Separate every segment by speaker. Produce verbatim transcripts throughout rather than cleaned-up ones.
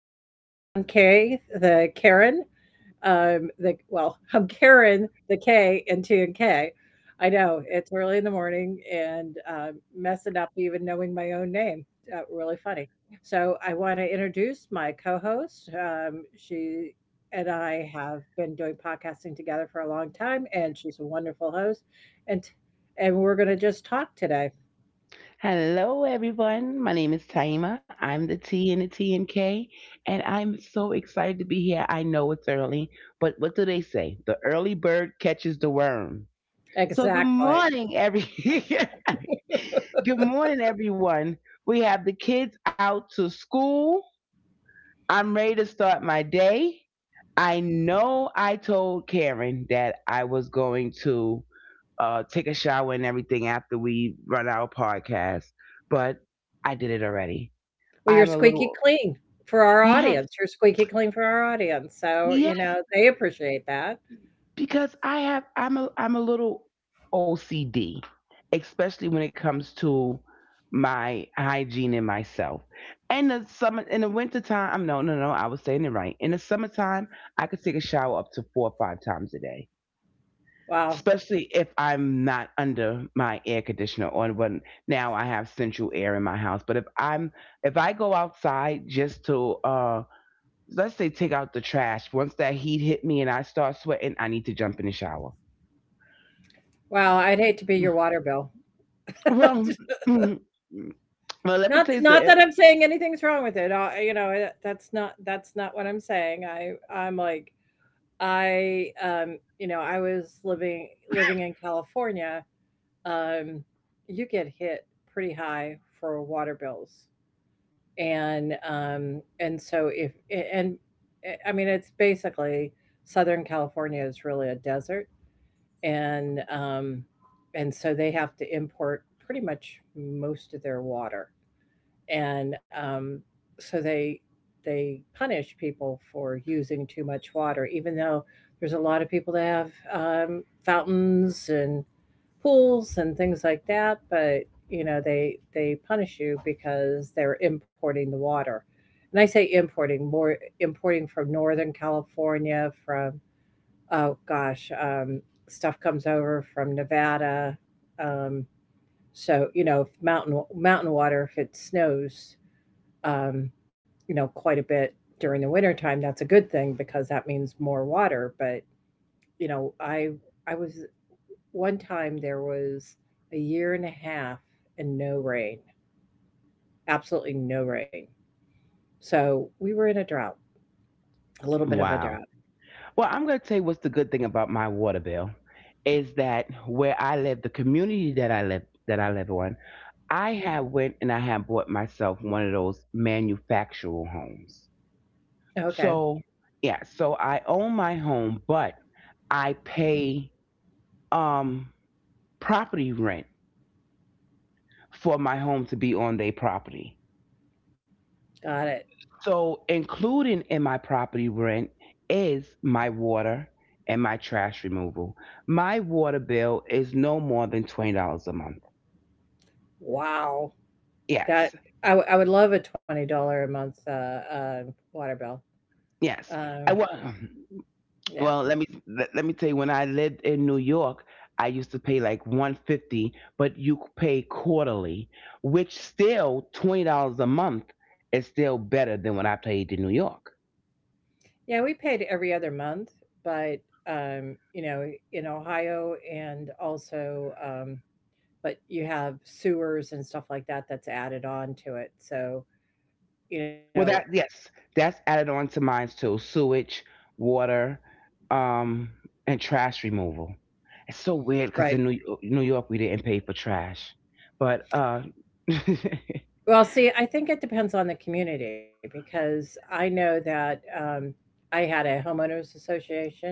Speaker 1: K. I'm Kay, the Karen. Um, the well, I'm Karen, the K, and T and K. I know it's early in the morning and um, messing up even knowing my own name. Uh, really funny. So I want to introduce my co-host. Um, she and I have been doing podcasting together for a long time, and she's a wonderful host. And and we're going to just talk today.
Speaker 2: Hello, everyone. My name is Taima. I'm the T in the T and K, and I'm so excited to be here. I know it's early, but what do they say? The early bird catches the worm. So, good
Speaker 1: Exactly.
Speaker 2: morning, every. Good morning, everyone. We have the kids out to school. I'm ready to start my day. I know I told Karen that I was going to uh, take a shower and everything after we run our podcast. But I did it already.
Speaker 1: Well, you're
Speaker 2: I'm a
Speaker 1: squeaky
Speaker 2: little
Speaker 1: clean for our
Speaker 2: Yes,
Speaker 1: audience. You're squeaky clean for our audience. So, you
Speaker 2: yes,
Speaker 1: know, they appreciate that.
Speaker 2: because I have I'm a I'm a little O C D, especially when it comes to my hygiene and myself. And the summer in the winter time, I'm no, no, no, I was saying it right. In the summertime, I could take a shower up to four or five times a day,
Speaker 1: Wow.
Speaker 2: especially if I'm not under my air conditioner on when now I have central air in my house. But if I'm if I go outside just to uh let's say take out the trash, once that heat hit me and I start sweating, I need to jump in the shower.
Speaker 1: Wow, I'd hate to be your water bill.
Speaker 2: Well well let me
Speaker 1: Not
Speaker 2: tell you
Speaker 1: not
Speaker 2: something.
Speaker 1: that I'm saying anything's wrong with it. Uh, you know, that- that's not that's not what I'm saying. I I'm like I um, you know, I was living living in California. Um, you get hit pretty high for water bills, and um and so if and eh, I mean it's basically southern california is really a desert and um and so they have to import pretty much most of their water and um so they they punish people for using too much water, even though there's a lot of people that have um, fountains and pools and things like that. But you know, they they punish you because they're importing the water. And I say importing, more importing from Northern California, from oh gosh, um, stuff comes over from Nevada. Um, so you know, if mountain mountain water, if it snows, um, you know, quite a bit during the wintertime, that's a good thing because that means more water. But you know, I I was, one time there was a year and a half and no rain, absolutely no rain. So we were in a drought, a little bit of a
Speaker 2: Wow.
Speaker 1: drought.
Speaker 2: Well, I'm going to tell you what's the good thing about my water bill is that where I live, the community that I live that I live on, I have went and I have bought myself one of those manufactural homes.
Speaker 1: Okay,
Speaker 2: So yeah, so I own my home, but I pay um property rent for my home to be on their property.
Speaker 1: got it.
Speaker 2: So including in my property rent is my water and my trash removal. My water bill is no more than twenty dollars a month.
Speaker 1: Wow, that
Speaker 2: Yes,
Speaker 1: I, w- I would love a twenty dollar a month uh, uh, water bill.
Speaker 2: yes. I
Speaker 1: Um,
Speaker 2: well,
Speaker 1: yeah,
Speaker 2: well let me let, let me tell you. When I lived in New York, I used to pay like one fifty, but you pay quarterly, which still twenty dollars a month is still better than when I paid in New York.
Speaker 1: yeah, we paid every other month, but um, you know, in Ohio and also, um, but you have sewers and stuff like that that's added on to it. So you know,
Speaker 2: Well, that yes, that's added on to mine too. Sewage, water, um, and trash removal. It's so weird because
Speaker 1: right.
Speaker 2: in New New York we didn't pay for trash, but uh,
Speaker 1: Well, see, I think it depends on the community because I know that um, I had a homeowners association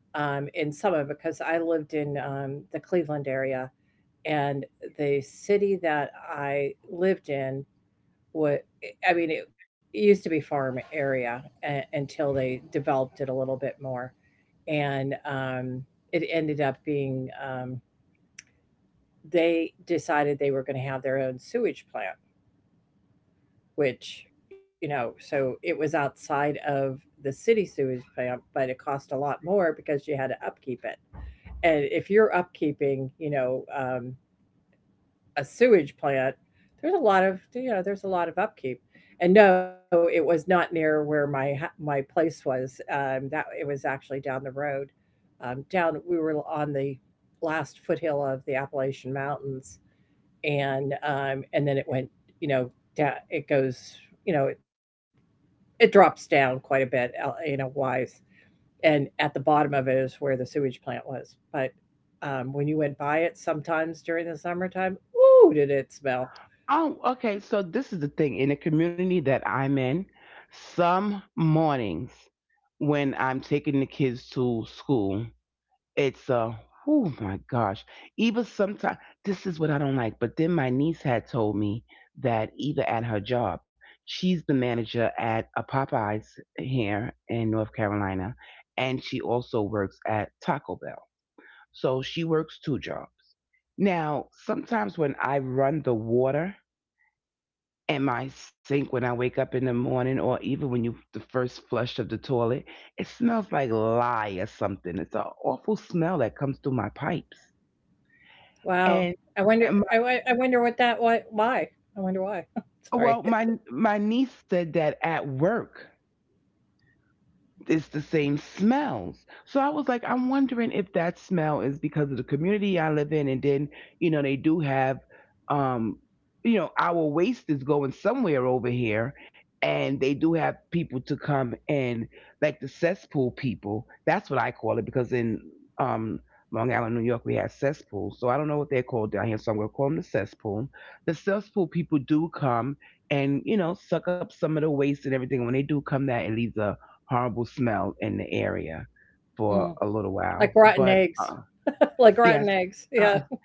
Speaker 1: um, in summer because I lived in um, the Cleveland area, and the city that I lived in was, I mean, it used to be farm area a- until they developed it a little bit more. And um, it ended up being, um, they decided they were going to have their own sewage plant, which, you know, so it was outside of the city sewage plant, but it cost a lot more because you had to upkeep it. And if you're upkeeping, you know, um, a sewage plant, there's a lot of, you know, there's a lot of upkeep. And no, it was not near where my ha- my place was. Um, that it was actually down the road. Um, down, we were on the last foothill of the Appalachian Mountains, and um, and then it went, you know, da- it goes, you know, it drops down quite a bit, el- you know, wise. And at the bottom of it is where the sewage plant was. But um, when you went by it sometimes during the summertime, ooh, did it smell?
Speaker 2: oh, okay. So this is the thing in the community that I'm in. Some mornings when I'm taking the kids to school. It's uh Oh my gosh. Even sometimes this is what I don't like. But then my niece had told me that either at her job, she's the manager at a Popeyes here in North Carolina, and she also works at Taco Bell. So she works two jobs. Now, sometimes when I run the water in my sink when I wake up in the morning, or even when you the first flush of the toilet, it smells like lye or something. It's an awful smell that comes through my pipes.
Speaker 1: Wow.
Speaker 2: And
Speaker 1: I wonder.
Speaker 2: my,
Speaker 1: I, wo- I wonder what that. Why? Why? I wonder why.
Speaker 2: well,
Speaker 1: Sorry.
Speaker 2: my my niece said that at work it's the same smells. So I was like, I'm wondering if that smell is because of the community I live in, and then you know they do have, um, you know, our waste is going somewhere over here, and they do have people to come and like the cesspool people. That's what I call it because in um. Long Island, New York, we have cesspools. So I don't know what they're called down here, so I'm going to call them the cesspool. The cesspool people do come and, you know, suck up some of the waste and everything. When they do come that, it leaves a horrible smell in the area for a
Speaker 1: Mm.
Speaker 2: little while.
Speaker 1: Like
Speaker 2: But
Speaker 1: rotten
Speaker 2: uh,
Speaker 1: eggs. Like
Speaker 2: yes,
Speaker 1: rotten eggs.
Speaker 2: uh,
Speaker 1: Yeah.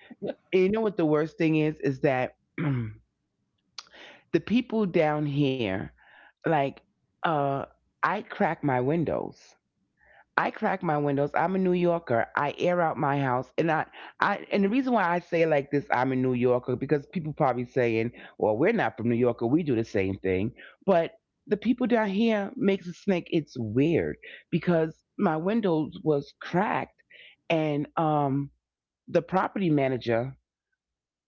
Speaker 2: you know what the worst thing is is that the people down here, like, uh, I crack my windows. I crack my windows. I'm a New Yorker. I air out my house, and I, I, and the reason why I say it like this, I'm a New Yorker, because people probably saying, "Well, we're not from New York, or we do the same thing." But the people down here makes a snake. It's weird because my windows was cracked, and um, the property manager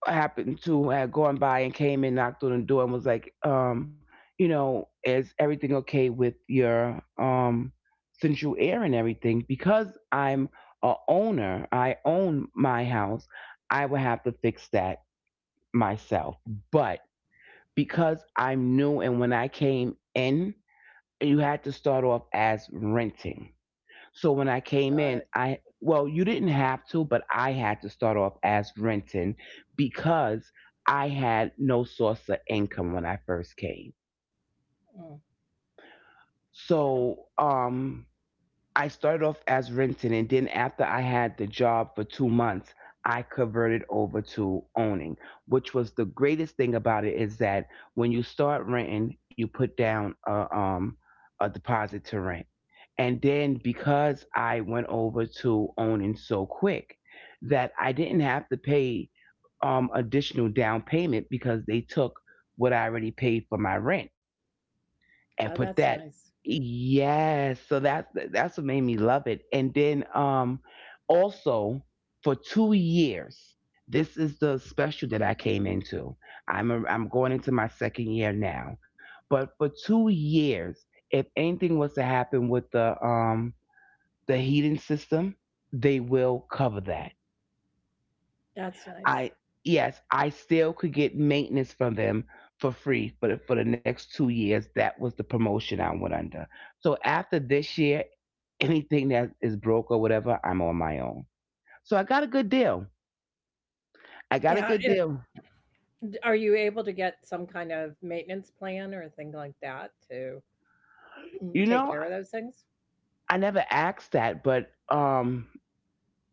Speaker 2: happened to had gone by and came in, knocked on the door and was like, um, you know, is everything okay with your um central air and everything? Because I'm a owner, I own my house, I would have to fix that myself. But because I'm new and when I came in, you had to start off as renting. So when I came in,
Speaker 1: Got it.
Speaker 2: I well, you didn't have to, but I had to start off as renting because I had no source of income when I first came.
Speaker 1: Mm. Yeah.
Speaker 2: So um I started off as renting, and then after I had the job for two months, I converted over to owning, which was the greatest thing about it is that when you start renting, you put down a, um, a deposit to rent. And then because I went over to owning so quick, that I didn't have to pay um, additional down payment because they took what I already paid for my rent
Speaker 1: Oh, that's
Speaker 2: and put
Speaker 1: nice.
Speaker 2: that yes, so that's that's what made me love it. And then um also for two years, this is the special that I came into. i'm a, I'm going into my second year now, but for two years if anything was to happen with the um the heating system they will cover that.
Speaker 1: That's
Speaker 2: I
Speaker 1: nice.
Speaker 2: Yes, I still could get maintenance from them for free for the, for the next two years. That was the promotion I went under. So after this year, anything that is broke or whatever, I'm on my own. So I got a good deal. I got
Speaker 1: Yeah.
Speaker 2: a good
Speaker 1: It,
Speaker 2: deal.
Speaker 1: are you able to get some kind of maintenance plan or thing like that to, mm,
Speaker 2: You
Speaker 1: take
Speaker 2: know,
Speaker 1: care of those things?
Speaker 2: I never asked that, but um,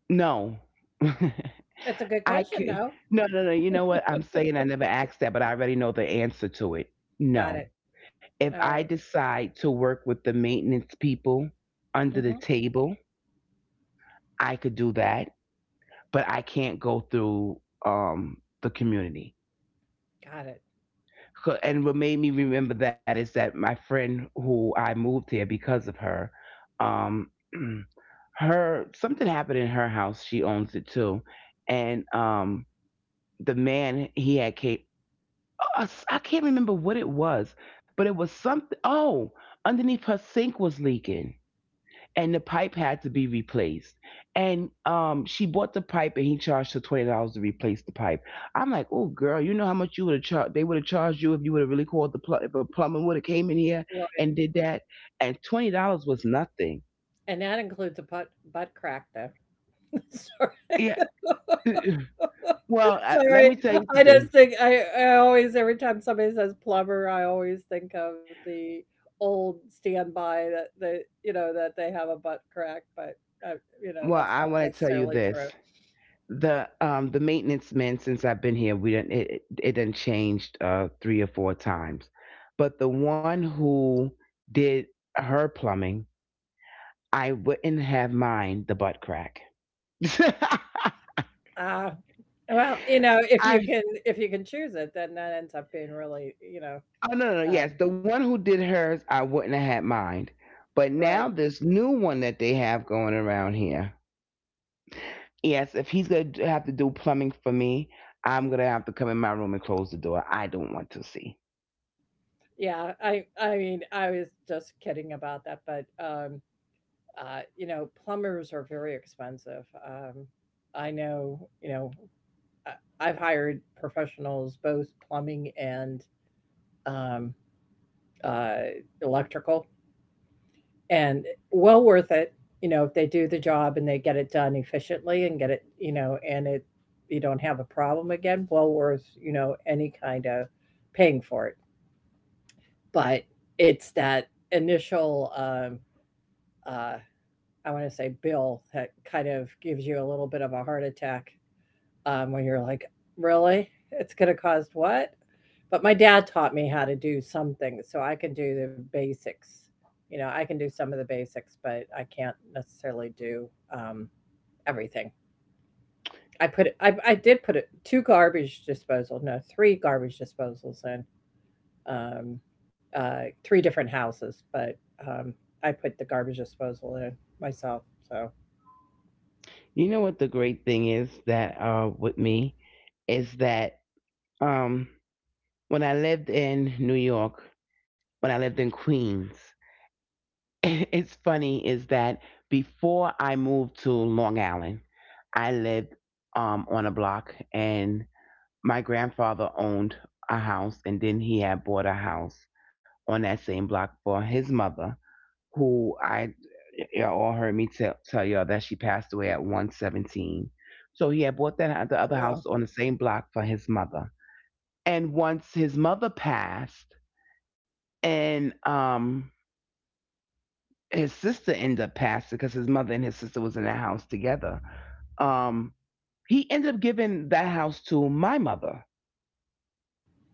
Speaker 2: no,
Speaker 1: That's a good
Speaker 2: I
Speaker 1: question,
Speaker 2: could.
Speaker 1: though.
Speaker 2: No, no, no. You know what? I'm saying I never asked that, but I already know the answer to it.
Speaker 1: Got it.
Speaker 2: No.
Speaker 1: All
Speaker 2: If
Speaker 1: right.
Speaker 2: I decide to work with the maintenance people under the
Speaker 1: Mhm.
Speaker 2: table, I could do that, but I can't go through um, the community.
Speaker 1: Got it.
Speaker 2: Co- And what made me remember that is that my friend who I moved here because of her, um, her something happened in her house. She owns it too, and um, the man he had came. uh, I can't remember what it was, but it was something. Oh, underneath her sink was leaking and the pipe had to be replaced. And um, she bought the pipe, and he charged her twenty dollars to replace the pipe. I'm like, oh girl, you know how much you would have charged? They would have charged you if you would have really called the pl- if a plumber would have came in here
Speaker 1: Right.
Speaker 2: and did that. And twenty dollars was nothing.
Speaker 1: And that includes a butt butt crack, though. Sorry.
Speaker 2: Yeah. well, uh, let
Speaker 1: Sorry.
Speaker 2: me tell you
Speaker 1: I
Speaker 2: something.
Speaker 1: just think I, I always, every time somebody says plumber, I always think of the old standby that, they you know, that they have a butt crack, but uh, you know,
Speaker 2: Well,
Speaker 1: that's
Speaker 2: I
Speaker 1: not
Speaker 2: want to tell you
Speaker 1: necessarily true.
Speaker 2: this. The um the maintenance men since I've been here, we didn't it it it done changed uh three or four times, but the one who did her plumbing I wouldn't have mine the butt crack.
Speaker 1: Ah, well, you know, if you
Speaker 2: I
Speaker 1: can, if you can choose it, then that ends up being really you know
Speaker 2: Oh no, no no,
Speaker 1: um,
Speaker 2: yes, the one who did hers I wouldn't have had mine, but
Speaker 1: right.
Speaker 2: now this new one that they have going around here. Yes, if he's gonna d- have to do plumbing for me, I'm gonna have to come in my room and close the door. I don't want to see.
Speaker 1: Yeah, I I mean, I was just kidding about that, but um uh you know, plumbers are very expensive. Um I know, you know, I, I've hired professionals, both plumbing and um uh electrical, and well worth it, you know, if they do the job and they get it done efficiently and get it, you know, and it, you don't have a problem again. Well worth, you know, any kind of paying for it. But it's that initial um uh, I want to say bill, that kind of gives you a little bit of a heart attack, um, when you're like, really? It's going to cost what? But my dad taught me how to do something, so I can do the basics. You know, I can do some of the basics, but I can't necessarily do um, everything. I put I, I did put it, two garbage disposal, no, three garbage disposals in, um, uh, three different houses, but um, I put the garbage disposal in myself. So
Speaker 2: You know what the great thing is that uh with me is that um when I lived in New York, when I lived in Queens. It's funny is that before I moved to Long Island, I lived um, on a block, and my grandfather owned a house, and then he had bought a house on that same block for his mother, who I y'all all heard me tell tell y'all that she passed away at one seventeen. So he had bought that the other
Speaker 1: wow.
Speaker 2: house on the same block for his mother, and once his mother passed, and um his sister ended up passing because his mother and his sister was in the house together. Um, he ended up giving that house to my mother,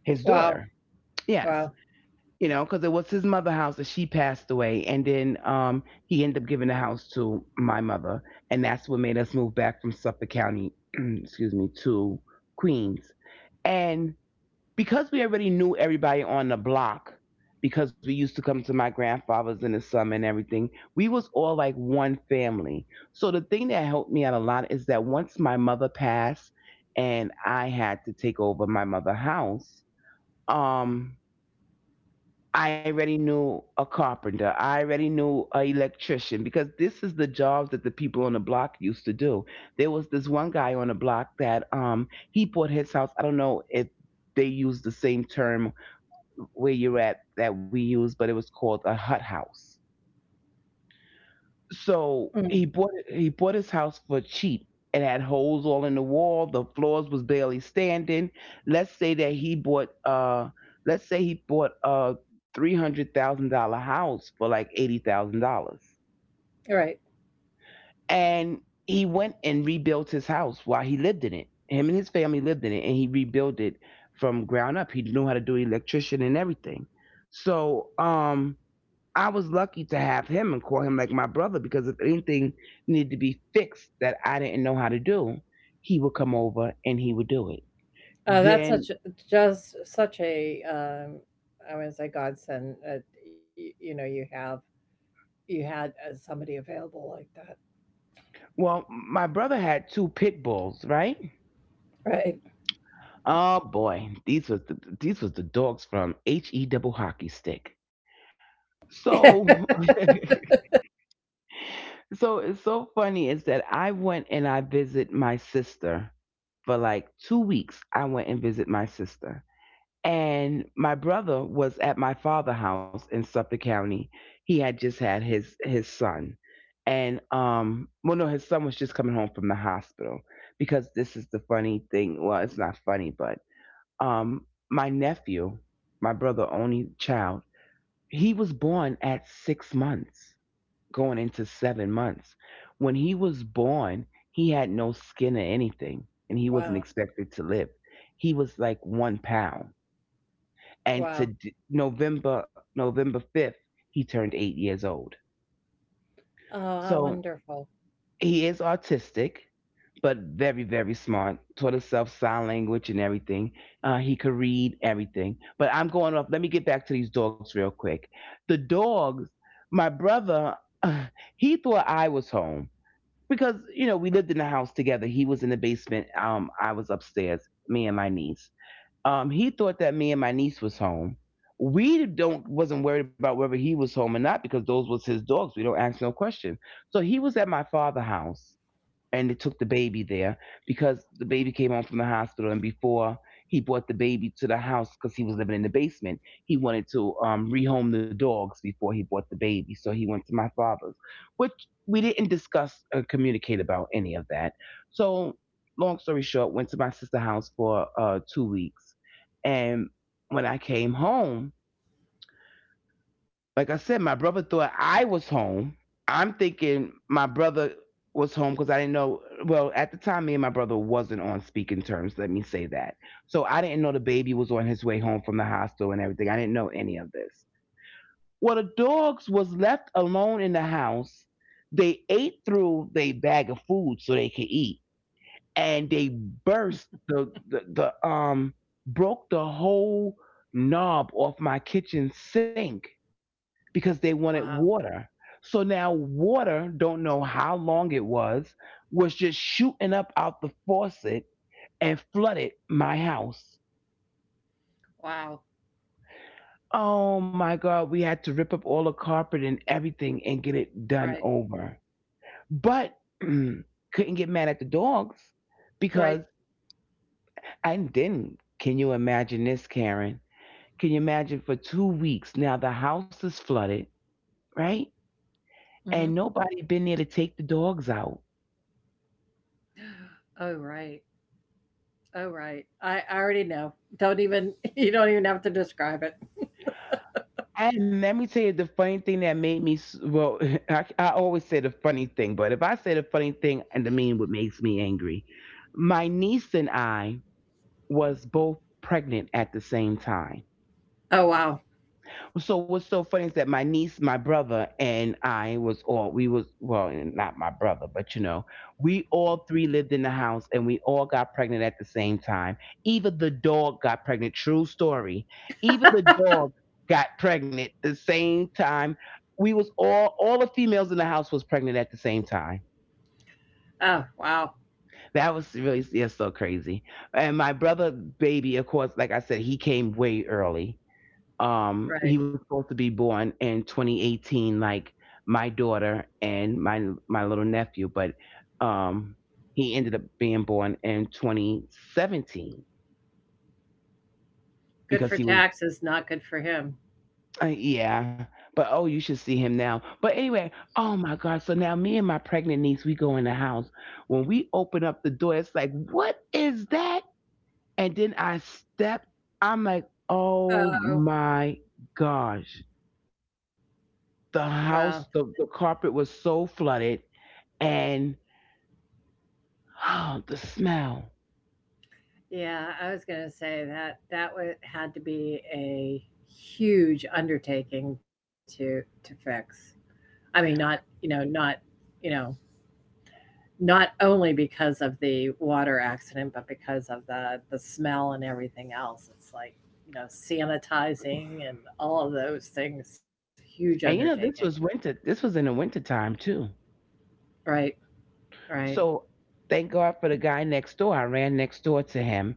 Speaker 2: his
Speaker 1: Wow,
Speaker 2: daughter.
Speaker 1: wow.
Speaker 2: Yes, you know, because it was his mother's house that she passed away, and then um, he ended up giving the house to my mother, and that's what made us move back from Suffolk County, excuse me, to Queens. And because we already knew everybody on the block, because we used to come to my grandfather's in the summer and everything, we was all like one family. So the thing that helped me out a lot is that once my mother passed and I had to take over my mother's house, um I already knew a carpenter, I already knew an electrician, because this is the jobs that the people on the block used to do. There was this one guy on the block that um he bought his house. I don't know if they use the same term where you're at that we used, but it was called a hut house. So
Speaker 1: Mm,
Speaker 2: he bought he bought his house for cheap. It had holes all in the wall. The floors was barely standing. Let's say that he bought uh let's say he bought a three hundred thousand dollar house for like eighty thousand dollars.
Speaker 1: you're right.
Speaker 2: And he went and rebuilt his house while he lived in it. Him and his family lived in it and he rebuilt it from ground up. He knew how to do electrician and everything. So um I was lucky to have him and call him like my brother, because if anything needed to be fixed that I didn't know how to do, he would come over and he would do it.
Speaker 1: Uh, that's
Speaker 2: Then,
Speaker 1: such a, just such a, um, I would say godsend. Uh, you, you know, you have, you had uh, somebody available
Speaker 2: well, my brother had two pit bulls, right?
Speaker 1: like
Speaker 2: Oh boy, these was the, these was the dogs from H E double hockey stick.
Speaker 1: that, right?
Speaker 2: So, so it's so funny is that I went and I visit my sister for like two weeks. I went and visit my sister. And my brother was at my father's house in Suffolk County. He had just had his his son. And um well no, his son was just coming home from the hospital, because this is the funny thing. Well, it's not funny, but um my nephew, my brother only child, he was born at six months, going into seven months. When he was born, he had no skin or anything, and he wasn't
Speaker 1: Wow,
Speaker 2: expected to live. He was like one pound, and
Speaker 1: wow.
Speaker 2: to d- November November fifth he turned eight years old.
Speaker 1: Oh, how
Speaker 2: So
Speaker 1: wonderful.
Speaker 2: he is autistic, but very very smart. Taught himself sign language and everything. Uh, he could read everything. But I'm going off. Let me get back to these dogs real quick. The dogs, my brother, he thought I was home, because you know we lived in the house together. He was in the basement. Um, I was upstairs. Me and my niece. Um, he thought that me and my niece was home. We don't wasn't worried about whether he was home or not, because those was his dogs. We don't ask no question. So he was at my father house and they took the baby there, because the baby came home from the hospital, and before he brought the baby to the house, because he was living in the basement, he wanted to um, rehome the dogs before he brought the baby, so he went to my father's, which we didn't discuss or communicate about any of that. So long story short, went to my sister's house for uh, two weeks, and when I came home, like I said, my brother thought I was home. I'm thinking my brother was home because I didn't know. Well, at the time, me and my brother wasn't on speaking terms. Let me say that. So I didn't know the baby was on his way home from the hospital and everything. I didn't know any of this. Well, the dogs was left alone in the house. They ate through their bag of food so they could eat, and they burst the the, the um broke the whole knob off my kitchen sink because they
Speaker 1: Wow,
Speaker 2: wanted water. So now water, don't know how long it was, was just shooting up out the faucet and flooded my house.
Speaker 1: wow.
Speaker 2: Oh my God, we had to rip up all the carpet and everything and get it
Speaker 1: Right,
Speaker 2: done over. But couldn't get mad at the dogs,
Speaker 1: right.
Speaker 2: because I didn't. Can you imagine this, Karen? Can you imagine, for two weeks now the house is flooded, right?
Speaker 1: Mm-hmm.
Speaker 2: And nobody been there to take the dogs out.
Speaker 1: Oh, right. Oh, right. I, I already know. Don't even you don't even have to describe it.
Speaker 2: And let me tell you the funny thing that made me s- well. I, I always say the funny thing, but if I say the funny thing, and the mean what makes me angry, my niece and I was both pregnant at the same time.
Speaker 1: Oh, wow.
Speaker 2: So what's so funny is that my niece, my brother, and I was all we was, well, not my brother, but you know, we all three lived in the house and we all got pregnant at the same time. Even the dog got pregnant. True story. Even the dog got pregnant the same time. We was all all the females in the house was pregnant at the same time.
Speaker 1: Oh, wow.
Speaker 2: That was really, yeah, so crazy. And my brother baby, of course, like I said, he came way early. Um
Speaker 1: Right.
Speaker 2: he was supposed to be born in twenty eighteen, like my daughter and my my little nephew, but um he ended up being born in twenty seventeen,
Speaker 1: Good for
Speaker 2: because he was
Speaker 1: taxes, not good for him.
Speaker 2: uh, yeah, but oh, you should see him now. But anyway, oh my god, so now me and my pregnant niece, we go in the house, when we open up the door, it's like, what is that? And then I step, I'm like, oh
Speaker 1: Oh,
Speaker 2: my gosh. The
Speaker 1: well,
Speaker 2: house, the, the carpet was so flooded, and oh, the smell.
Speaker 1: yeah, I was gonna say that that would had to be a huge undertaking to to fix. I mean, not, you know, not, you know, not only because of the water accident, but because of the the smell and everything else. It's like, you know, sanitizing and all of those things, huge
Speaker 2: And you
Speaker 1: undertaking.
Speaker 2: know, this was winter, this was in the winter time too.
Speaker 1: Right, right.
Speaker 2: So thank God for the guy next door. I ran next door to him,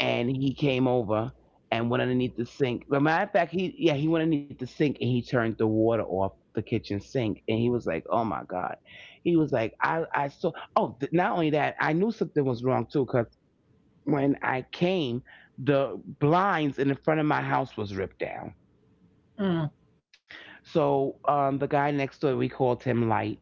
Speaker 2: and he came over and went underneath the sink. But matter of fact, he, yeah, he went underneath the sink and he turned the water off the kitchen sink, and he was like, "Oh my God." He was like, I, I saw, oh th- not only that, I knew something was wrong too, because when I came, the blinds in the front of my house was ripped down.
Speaker 1: Mm,
Speaker 2: So um, the guy next door, we called him Light,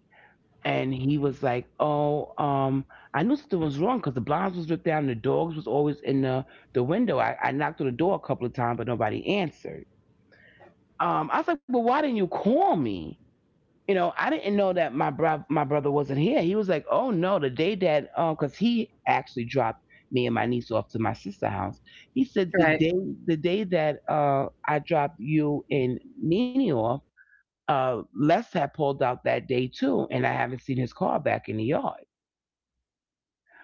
Speaker 2: and he was like, "Oh, um, I knew something was wrong because the blinds was ripped down. And the dogs was always in the the window. I, I knocked on the door a couple of times, but nobody answered." Um, I was like, "Well, why didn't you call me?" You know, I didn't know that my bro- my brother wasn't here. He was like, "Oh no, the day that um, because he actually dropped me and my niece off to my sister's house. He said the
Speaker 1: right.
Speaker 2: day the day that uh I dropped you and Nene off, uh, Les had pulled out that day too, and I haven't seen his car back in the yard."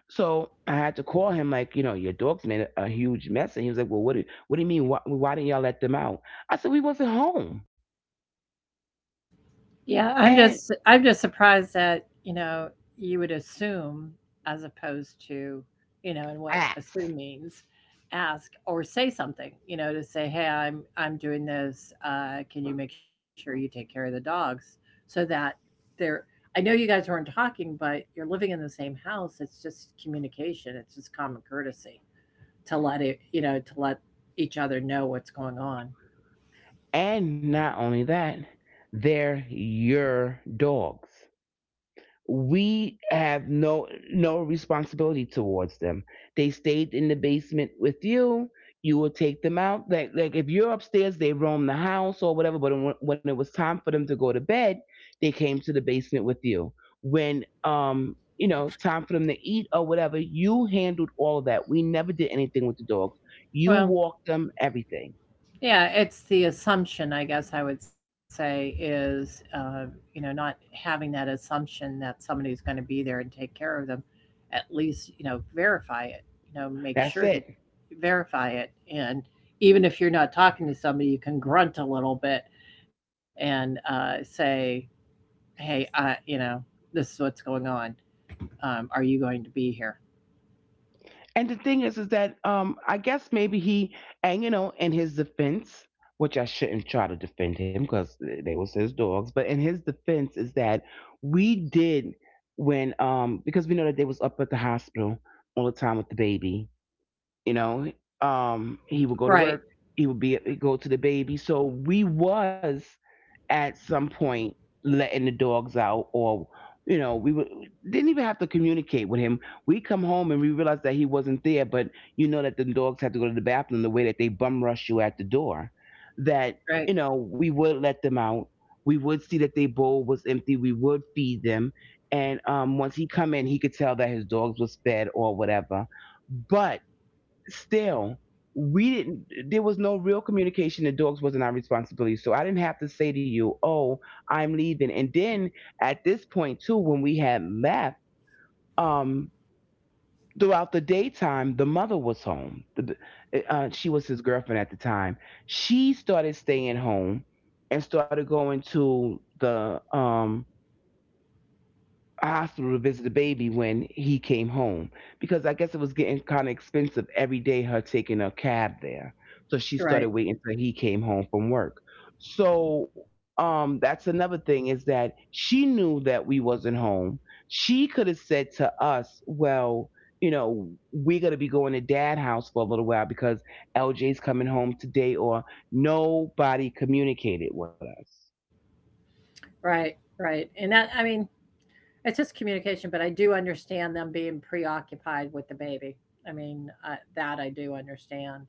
Speaker 2: So I had to call him like, you know, "Your dogs made a, a huge mess," and he was like, "Well, what do what do you mean? Why, why didn't y'all let them out?" I said, "We wasn't home,"
Speaker 1: Yeah, I'm
Speaker 2: and
Speaker 1: just, I'm just surprised that, you know, you would assume as opposed to, you know, and what assume means, ask or say something, you know, to say, "Hey, I'm I'm doing this. Uh, can you make sure you take care of the dogs?" So that they're, I know you guys weren't talking, but you're living in the same house. It's just communication. It's just common courtesy to let it, you know, to let each other know what's going on.
Speaker 2: And not only that, they're your dogs. We have no no responsibility towards them. They stayed in the basement with you. You will take them out. Like like if you're upstairs, they roam the house or whatever. But when when it was time for them to go to bed, they came to the basement with you. When um you know, time for them to eat or whatever, you handled all of that. We never did anything with the dogs. You
Speaker 1: Well,
Speaker 2: walked them, everything.
Speaker 1: yeah, it's the assumption, I guess I would say, is, uh, you know, not having that assumption that somebody's going to be there and take care of them. At least, you know, verify it, you know, make
Speaker 2: That's
Speaker 1: sure that,
Speaker 2: it.
Speaker 1: verify it. And even if you're not talking to somebody, you can grunt a little bit and uh, say, hey, uh, you know, this is what's going on. Um, are you going to be here?
Speaker 2: And the thing is, is that um, I guess maybe he, and you know, in his defense, which I shouldn't try to defend him because they was his dogs, but in his defense is that we did, when um because we know that they was up at the hospital all the time with the baby, you know, um he would go to
Speaker 1: Right,
Speaker 2: work, he would be, he'd go to the baby, so we was, at some point, letting the dogs out, or you know we would, didn't even have to communicate with him. We come home and we realized that he wasn't there, but you know that the dogs had to go to the bathroom the way that they bum rush you at the door, that
Speaker 1: right,
Speaker 2: you know we would let them out, we would see that their bowl was empty, we would feed them, and um, once he come in, he could tell that his dogs was fed or whatever. But still, we didn't, there was no real communication. The dogs wasn't our responsibility, so I didn't have to say to you, oh, I'm leaving. And then at this point too, when we had left, um throughout the daytime, the mother was home, the, uh, she was his girlfriend at the time, she started staying home and started going to the um hospital to visit the baby when he came home, because I guess it was getting kind of expensive every day her taking a cab there. So she
Speaker 1: right,
Speaker 2: started waiting till he came home from work. So um that's another thing is that she knew that we wasn't home. She could have said to us, well, you know, "We're gonna be going to dad house for a little while because L J's coming home today," or nobody communicated with us.
Speaker 1: right, right. And that, I mean, it's just communication, but I do understand them being preoccupied with the baby. I mean, I, that I do understand.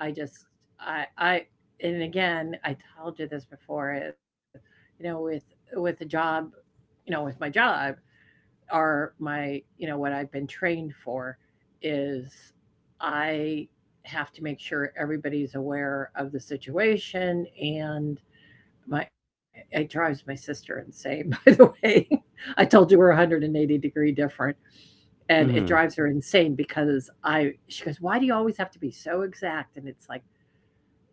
Speaker 1: I just, I, I, and again, I told you this before. Is, you know, with with the job, you know, with my job, are my, you know, what I've been trained for is, I have to make sure everybody's aware of the situation. And my, it drives my sister insane by the way. I told you we're a hundred eighty degree different, and it
Speaker 2: Mhm.
Speaker 1: drives her insane because I she goes, why do you always have to be so exact? And it's like,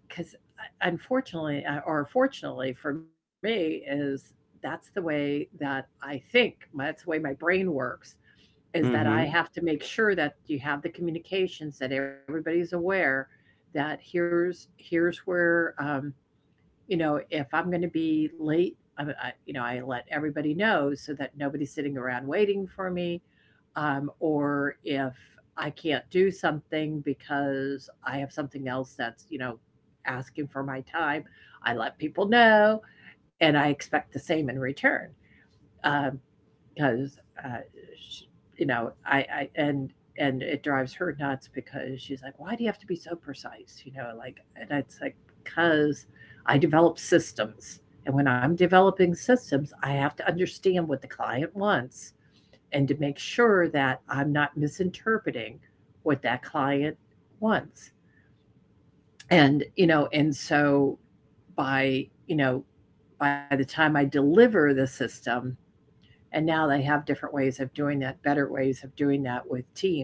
Speaker 1: because unfortunately, uh, or fortunately for me, is that's the way that I think, that's the way my brain works, is that I
Speaker 2: Mhm.
Speaker 1: have to make sure that you have the communications, that everybody's aware, that here's, here's where um, you know, if I'm going to be late, I, I, you know, I let everybody know so that nobody's sitting around waiting for me. Um, or if I can't do something because I have something else that's, you know, asking for my time, I let people know, and I expect the same in return. Um, 'Cause, uh, sh you know, I I and and it drives her nuts because she's like, "Why do you have to be so precise?" You know, like and it's like, "'Cause I develop systems, and when I'm developing systems, I have to understand what the client wants and to make sure that I'm not misinterpreting what that client wants." And, you know, and so by, you know, By the time I deliver the system, and now they have different ways of doing that, better ways of doing that with teams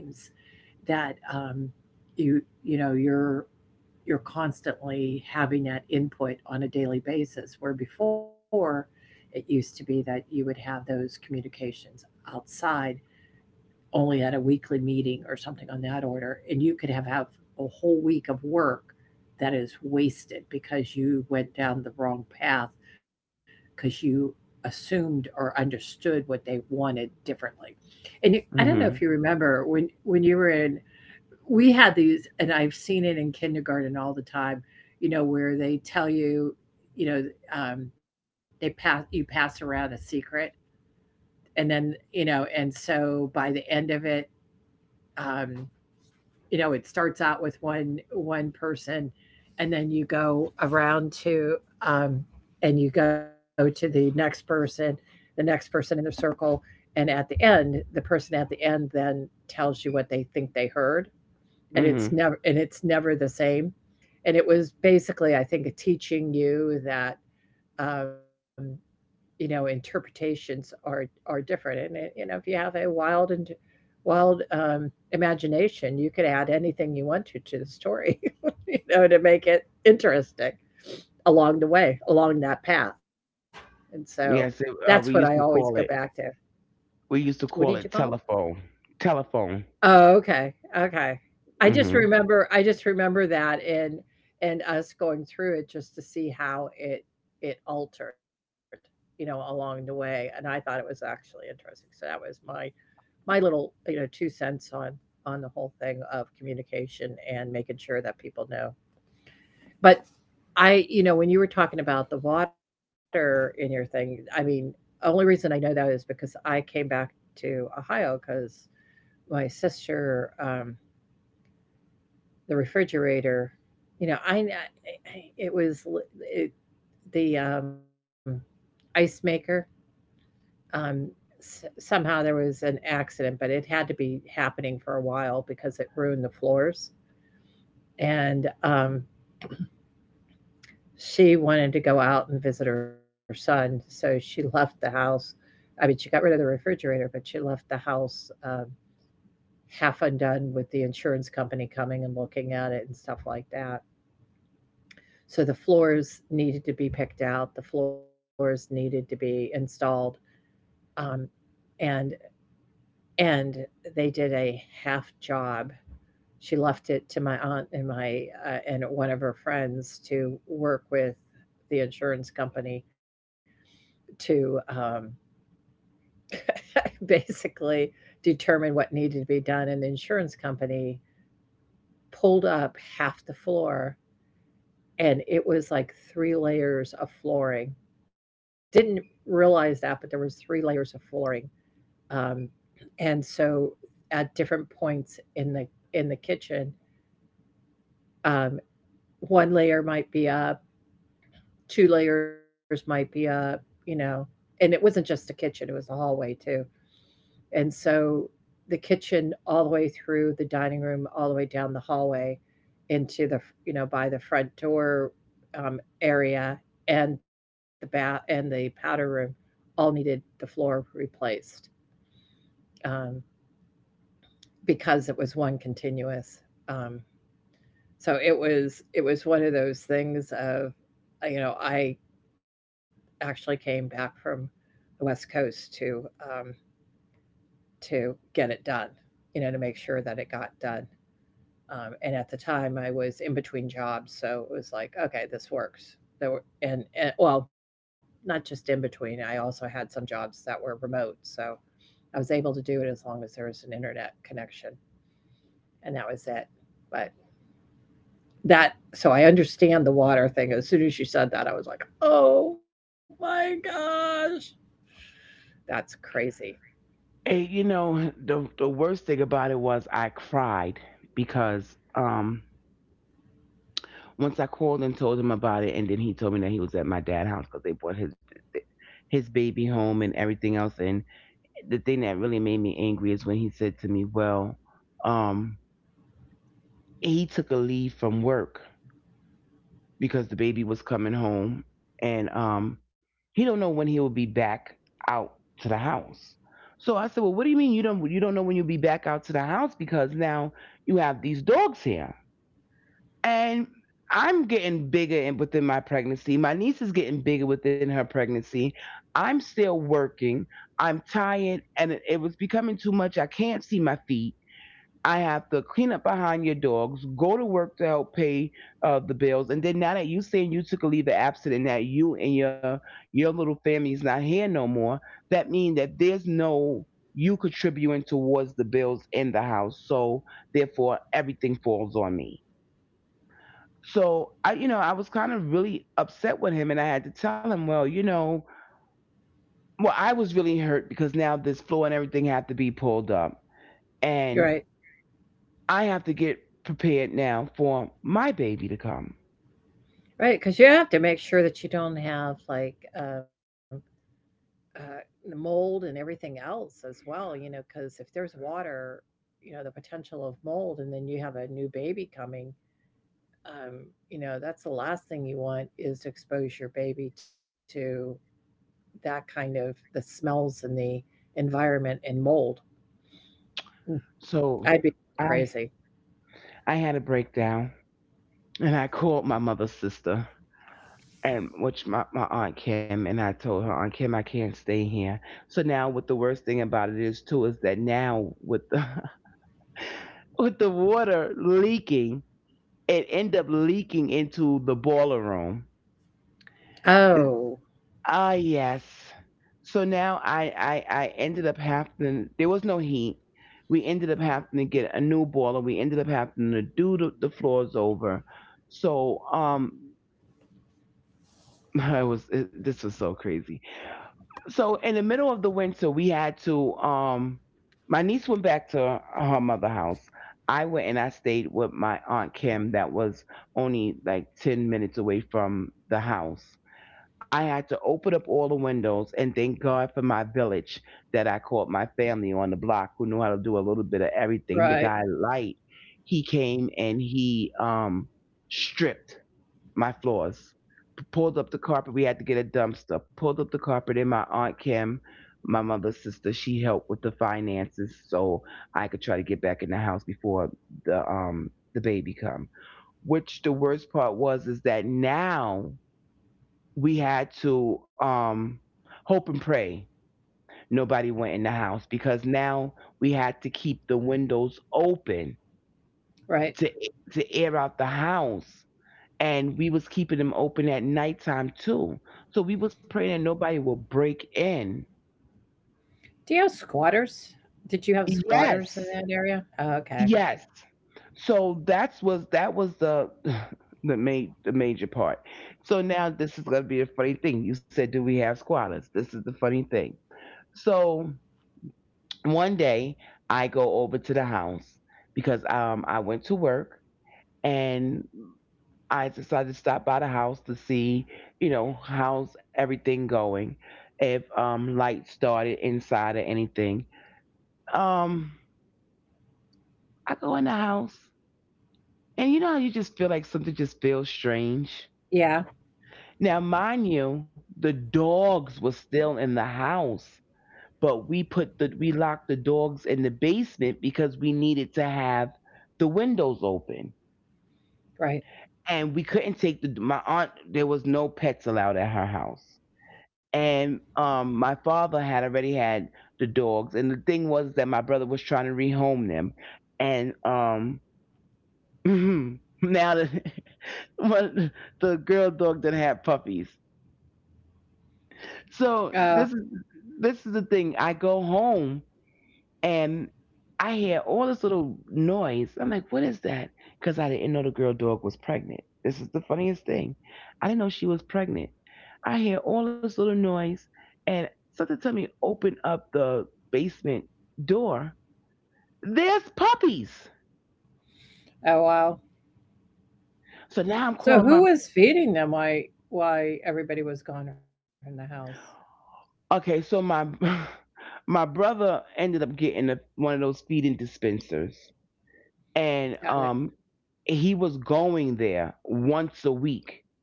Speaker 1: that um, you you know you're you're constantly having that input on a daily basis, where before it used to be that you would have those communications outside only at a weekly meeting or something on that order, and you could have, have a whole week of work that is wasted because you went down the wrong path because you assumed or understood what they wanted differently. And you, I don't know if you
Speaker 2: Mhm.
Speaker 1: remember when when you were in, we had these, and I've seen it in kindergarten all the time, you know, where they tell you, you know, um, they pass you pass around a secret, and then, you know, and so by the end of it, um, you know, it starts out with one one person, and then you go around to, um, and you go to the next person, the next person in the circle, and at the end, the person at the end then tells you what they think they heard, and it's
Speaker 2: Mhm.
Speaker 1: never and it's never the same. And it was basically, I think, teaching you that, um, you know, interpretations are are different. And it, you know, if you have a wild and wild um, imagination, you could add anything you want to to the story, you know, to make it interesting along the way, along that path. And so
Speaker 2: Yes,
Speaker 1: that's what
Speaker 2: it,
Speaker 1: I
Speaker 2: uh, we
Speaker 1: always
Speaker 2: used
Speaker 1: go
Speaker 2: to
Speaker 1: back
Speaker 2: call it.
Speaker 1: to.
Speaker 2: We used
Speaker 1: What
Speaker 2: to
Speaker 1: did you
Speaker 2: call
Speaker 1: call
Speaker 2: it
Speaker 1: it?
Speaker 2: telephone. Telephone.
Speaker 1: Oh, okay, okay. I just
Speaker 2: Hmm.
Speaker 1: remember I just remember that and and us going through it just to see how it it altered, you know, along the way, and I thought it was actually interesting. So that was my my little, uh, you know, two cents on on the whole thing of communication and making sure that people know. But I, you know, when you were talking about the water in your thing, I mean, only reason I know that is because I came back to Ohio because my sister, um the refrigerator, you know, I I it was it the, um, ice maker, um, s somehow there was an accident, but it had to be happening for a while because it ruined the floors, and, um, she wanted to go out and visit her son, so she left the house. I mean, she got rid of the refrigerator, but she left the house, um, half undone with the insurance company coming and looking at it and stuff like that. So the floors needed to be picked out, the floors needed to be installed. Um, and and They did a half job. She left it to my aunt and my uh, and one of her friends to work with the insurance company to, um, basically determine what needed to be done. And the insurance company pulled up half the floor, and it was like three layers of flooring. Didn't realize that, but there was three layers of flooring. Um, and so at different points in the in the kitchen, um, one layer might be up, two layers might be up, you know. And it wasn't just the kitchen, it was the hallway too. And so the kitchen all the way through the dining room, all the way down the hallway into the, you know, by the front door um, area and the bath and the powder room all needed the floor replaced, um, because it was one continuous. Um, so it was it was one of those things of, uh, you know, I actually came back from the West Coast to, um, to get it done, you know, to make sure that it got done. Um, and at the time, I was in between jobs, so it was like, okay, this works. There were, and, and well, not just in between. I also had some jobs that were remote, so I was able to do it as long as there was an internet connection, and that was it. But that, so I understand the water thing. As soon as you said that, I was like, oh my gosh, that's crazy.
Speaker 2: And you know, the the worst thing about it was I cried because um once I called and told him about it, and then he told me that he was at my dad's house because they brought his his baby home and everything else. And the thing that really made me angry is when he said to me, "Well, um, he took a leave from work," because the baby was coming home. And um he don't know when he'll be back out to the house. So I said, "Well, what do you mean you don't you don't know when you'll be back out to the house, because now you have these dogs here?" And I'm getting bigger and within my pregnancy. My niece is getting bigger within her pregnancy. I'm still working. I'm tired and it it was becoming too much. I can't see my feet. I have to clean up behind your dogs, go to work to help pay uh, the bills, and then now that you saying you took a leave of absence and that you and your your little family's not here no more, that means that there's no you contributing towards the bills in the house. So therefore, everything falls on me. So I, you know, I was kind of really upset with him, and I had to tell him, well, you know, well, I was really hurt because now this floor and everything have to be pulled up,
Speaker 1: You're right,
Speaker 2: and I have to get prepared now for my baby to come.
Speaker 1: right? Because you have to make sure that you don't have like, um, Uh, the mold and everything else as well, you know, because if there's water, you know, the potential of mold, and then you have a new baby coming, um, you know, that's the last thing you want is to expose your baby to that kind of the smells and the environment and mold.
Speaker 2: So
Speaker 1: I'd be
Speaker 2: I
Speaker 1: crazy.
Speaker 2: I had a breakdown and I called my mother's sister, and which my, my aunt Kim, and I told her, Aunt Kim, I can't stay here. So now what the worst thing about it is too is that now with the with the water leaking, it end up leaking into the boiler room.
Speaker 1: Oh,
Speaker 2: Ah, yes. So now I, I I ended up having there was no heat. We ended up having to get a new boiler. We ended up having to do the, the floors over. So um, I was it, this was so crazy. So in the middle of the winter, we had to um, my niece went back to her, her mother house. I went and I stayed with my aunt Kim that was only like ten minutes away from the house. I had to open up all the windows and thank God for my village that I called my family on the block who knew how to do a little bit of everything. The
Speaker 1: right,
Speaker 2: guy Light, he came and he um stripped my floors, p- pulled up the carpet. We had to get a dumpster, pulled up the carpet, and my aunt Kim, my mother's sister, she helped with the finances so I could try to get back in the house before the um the baby come. Which the worst part was is that now we had to um hope and pray nobody went in the house, because now we had to keep the windows open
Speaker 1: right.
Speaker 2: to to air out the house, and we was keeping them open at nighttime too, so we was praying that nobody would break in.
Speaker 1: Do you have squatters? Did you have squatters in that
Speaker 2: Yes,
Speaker 1: area? Oh, okay.
Speaker 2: yes. So that's was that was the the ma- the major part. So now this is going to be a funny thing. You said, do we have squatters? This is the funny thing. So one day I go over to the house because um I went to work, and I decided to stop by the house to see, you know, how's everything going, if um lights started inside or anything. Um I go in the house, and you know how you just feel like something just feels strange.
Speaker 1: Yeah,
Speaker 2: Now mind you, the dogs were still in the house, but we put the we locked the dogs in the basement because we needed to have the windows open,
Speaker 1: right.
Speaker 2: and we couldn't take the my aunt there was no pets allowed at her house. And um my father had already had the dogs, and the thing was that my brother was trying to rehome them. And um now that one- the girl dog didn't have puppies.
Speaker 1: Oh,
Speaker 2: So this is this is the thing. I go home and I hear all this little noise. I'm like, what is that? Because I didn't know the girl dog was pregnant. This is the funniest thing. I didn't know she was pregnant. I hear all this little noise, and something told me open up the basement door. There's puppies.
Speaker 1: oh, wow.
Speaker 2: So
Speaker 1: So
Speaker 2: now I'm
Speaker 1: who
Speaker 2: calling
Speaker 1: was
Speaker 2: my
Speaker 1: feeding them? Why? Why everybody was gone from the house?
Speaker 2: okay. So my my brother ended up getting a, one of those feeding dispensers, and
Speaker 1: Got it.
Speaker 2: um, he was going there once a week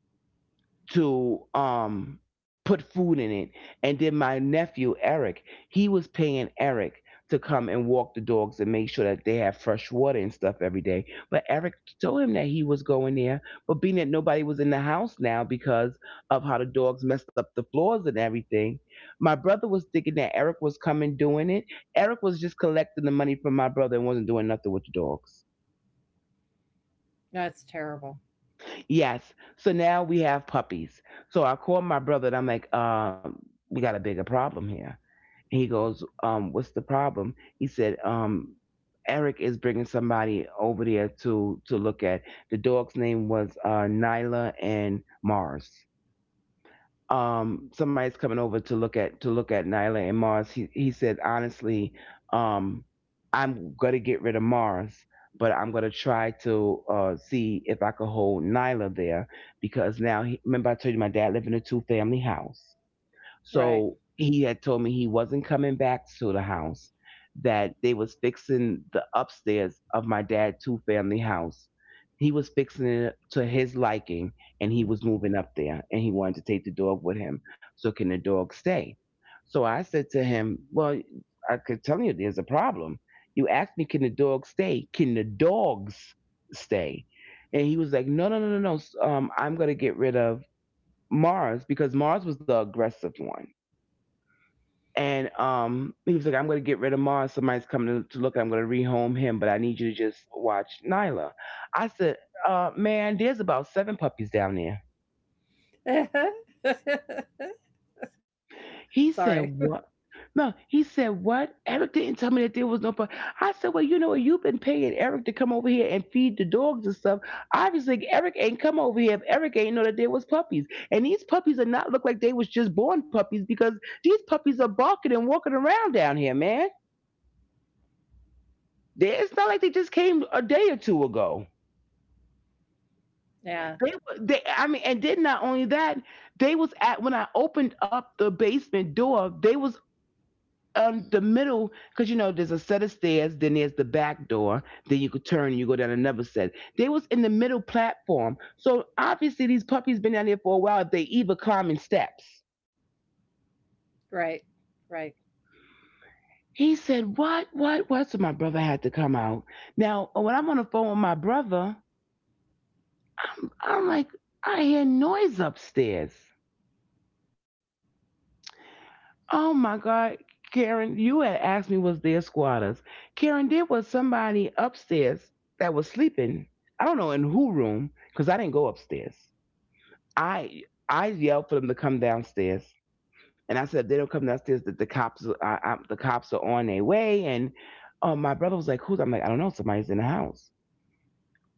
Speaker 2: to um put food in it. And then my nephew Eric, he was paying Eric to come and walk the dogs and make sure that they have fresh water and stuff every day. But Eric told him that he was going there, but being that nobody was in the house now because of how the dogs messed up the floors and everything, my brother was thinking that Eric was coming doing it. Eric was just collecting the money from my brother and wasn't doing nothing with the dogs.
Speaker 1: That's terrible.
Speaker 2: Yes. So now we have puppies. So I called my brother and I'm like, um, we got a bigger problem here. And he goes, um, what's the problem? He said, um, Eric is bringing somebody over there to to look at. The dog's name was uh, Nyla and Mars. Um somebody's coming over to look at to look at Nyla and Mars. He he said honestly, um I'm gonna get rid of Mars, but I'm gonna try to uh see if I could hold Nyla there because now he, remember I told you my dad lived in a two family house.
Speaker 1: Right.
Speaker 2: So he had told me he wasn't coming back to the house, that they was fixing the upstairs of my dad's two family house. He was fixing it to his liking, and he was moving up there, and he wanted to take the dog with him. So can the dog stay? So I said to him, well, I could tell you there's a problem. You asked me, can the dog stay? Can the dogs stay? And he was like, no, no, no, no, no. Um, I'm gonna get rid of Mars because Mars was the aggressive one. And um, he was like, I'm going to get rid of Mars. Somebody's coming to, to look. I'm going to rehome him, but I need you to just watch Nyla. I said, uh, man, there's about seven puppies down there.
Speaker 1: Sorry.
Speaker 2: He said, what? No, he said, what? Eric didn't tell me that there was no puppy. I said, well, you know what? You've been paying Eric to come over here and feed the dogs and stuff. Obviously, Eric ain't come over here if Eric ain't know that there was puppies. And these puppies are not look like they was just born puppies, because these puppies are barking and walking around down here, man. They, it's not like they just came a day or two ago.
Speaker 1: Yeah.
Speaker 2: They, were- they, I mean, and then not only that, they was at when I opened up the basement door, they was on the middle because you know there's a set of stairs, then there's the back door, then you could turn, and you go down another set. They was in the middle platform, so obviously these puppies been down there for a while. If they even climbing steps.
Speaker 1: Right. Right.
Speaker 2: He said, "What? What? What?" So my brother had to come out. Now, when I'm on the phone with my brother, I'm like, I hear noise upstairs. Oh my God, Karen, you had asked me, was there squatters? Karen, there was somebody upstairs that was sleeping. I don't know in who room, because I didn't go upstairs. I I yelled for them to come downstairs, and I said if they don't come downstairs, that the cops are- I, I, the cops are on their way. And um, my brother was like, "Who's?" I'm like, "I don't know. Somebody's in the house."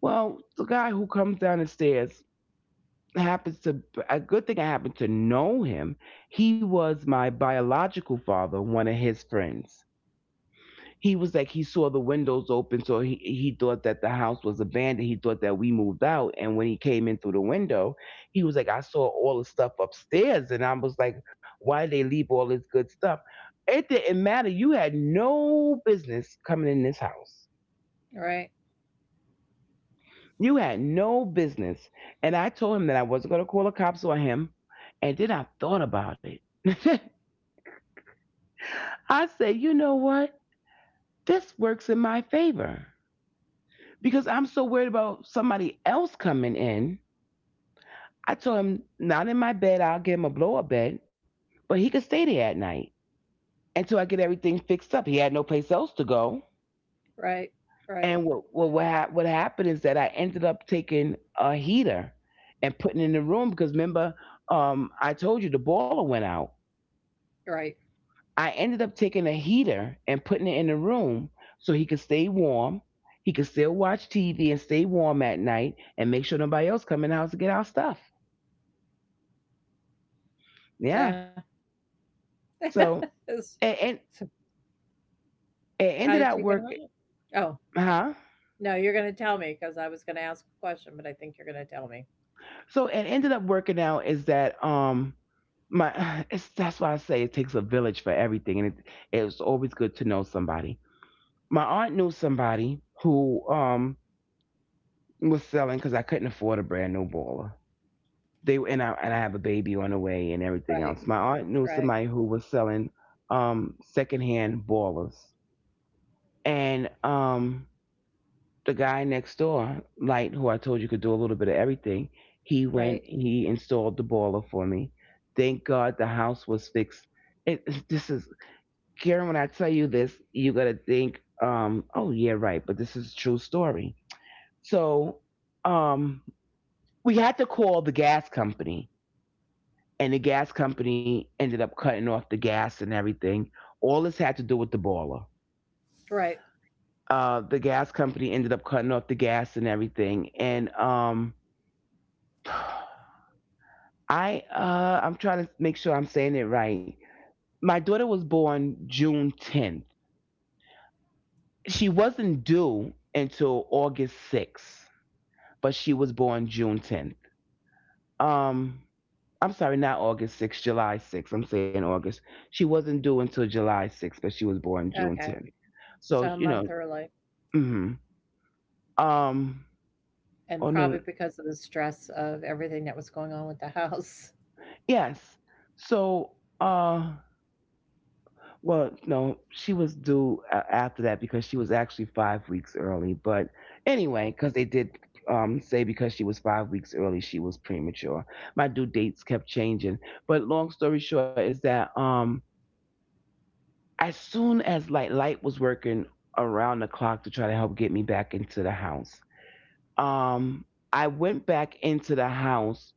Speaker 2: Well, the guy who comes down the stairs happens to a good thing. I happen to know him. He was my biological father, one of his friends. He was like, he saw the windows open, so he, he thought that the house was abandoned. He thought that we moved out, and when he came in through the window, he was like, "I saw all the stuff upstairs," and I was like, "Why did they leave all this good stuff? It didn't matter. You had no business coming in this house.
Speaker 1: Right.
Speaker 2: You had no business." And I told him that I wasn't going to call the cops on him. And then I thought about it. I said, you know what, this works in my favor because I'm so worried about somebody else coming in. I told him, not in my bed. I'll give him a blow up bed, but he could stay there at night until I get everything fixed up. He had no place else to go.
Speaker 1: Right. Right.
Speaker 2: And what what what, hap- what happened is that I ended up taking a heater and putting it in the room because, remember, um, I told you the boiler went out.
Speaker 1: Right.
Speaker 2: I ended up taking a heater and putting it in the room so he could stay warm. He could still watch T V and stay warm at night and make sure nobody else come in the house to get our stuff.
Speaker 1: Yeah.
Speaker 2: Yeah. So
Speaker 1: It's-
Speaker 2: and, and
Speaker 1: so
Speaker 2: it
Speaker 1: how
Speaker 2: ended
Speaker 1: did
Speaker 2: up
Speaker 1: you get them
Speaker 2: work.
Speaker 1: out? Oh,
Speaker 2: Huh?
Speaker 1: no, you're going to tell me because I was going to ask a question, but I think you're going to tell me.
Speaker 2: So it ended up working out is that um my it's that's why I say it takes a village for everything, and it it was always good to know somebody. My aunt knew somebody who um was selling because I couldn't afford a brand new boiler. They, and I and I have a baby on the way and everything
Speaker 1: Right.
Speaker 2: else. My aunt knew
Speaker 1: Right.
Speaker 2: somebody who was selling um secondhand boilers, and um the guy next door, Light, who I told you could do a little bit of everything, he
Speaker 1: Right.
Speaker 2: went, he installed the boiler for me. Thank God the house was fixed. It, this is, Karen, when I tell you this, you're going to think, um, oh, yeah, right, but this is a true story. So um, we had to call the gas company, and the gas company ended up cutting off the gas and everything. All this had to do with the boiler.
Speaker 1: Right.
Speaker 2: Uh, the gas company ended up cutting off the gas and everything. And um, I uh I'm trying to make sure I'm saying it right. My daughter was born June tenth. She wasn't due until August sixth, but she was born June tenth. Um I'm sorry, not August sixth, July sixth. I'm saying August. She wasn't due until July sixth, but she was born
Speaker 1: Okay.
Speaker 2: June tenth.
Speaker 1: So a
Speaker 2: So,
Speaker 1: month
Speaker 2: you know.
Speaker 1: early.
Speaker 2: Mhm. Um
Speaker 1: And
Speaker 2: oh,
Speaker 1: probably
Speaker 2: no. No.
Speaker 1: because of the stress of everything that was going on with the house.
Speaker 2: Yes. So, uh well, no, she was due a- after that because she was actually five weeks early. But anyway, because they did um, say because she was five weeks early, she was premature. My due dates kept changing. But long story short is that um, as soon as Light Light was working around the clock to try to help get me back into the house, um, I went back into the house.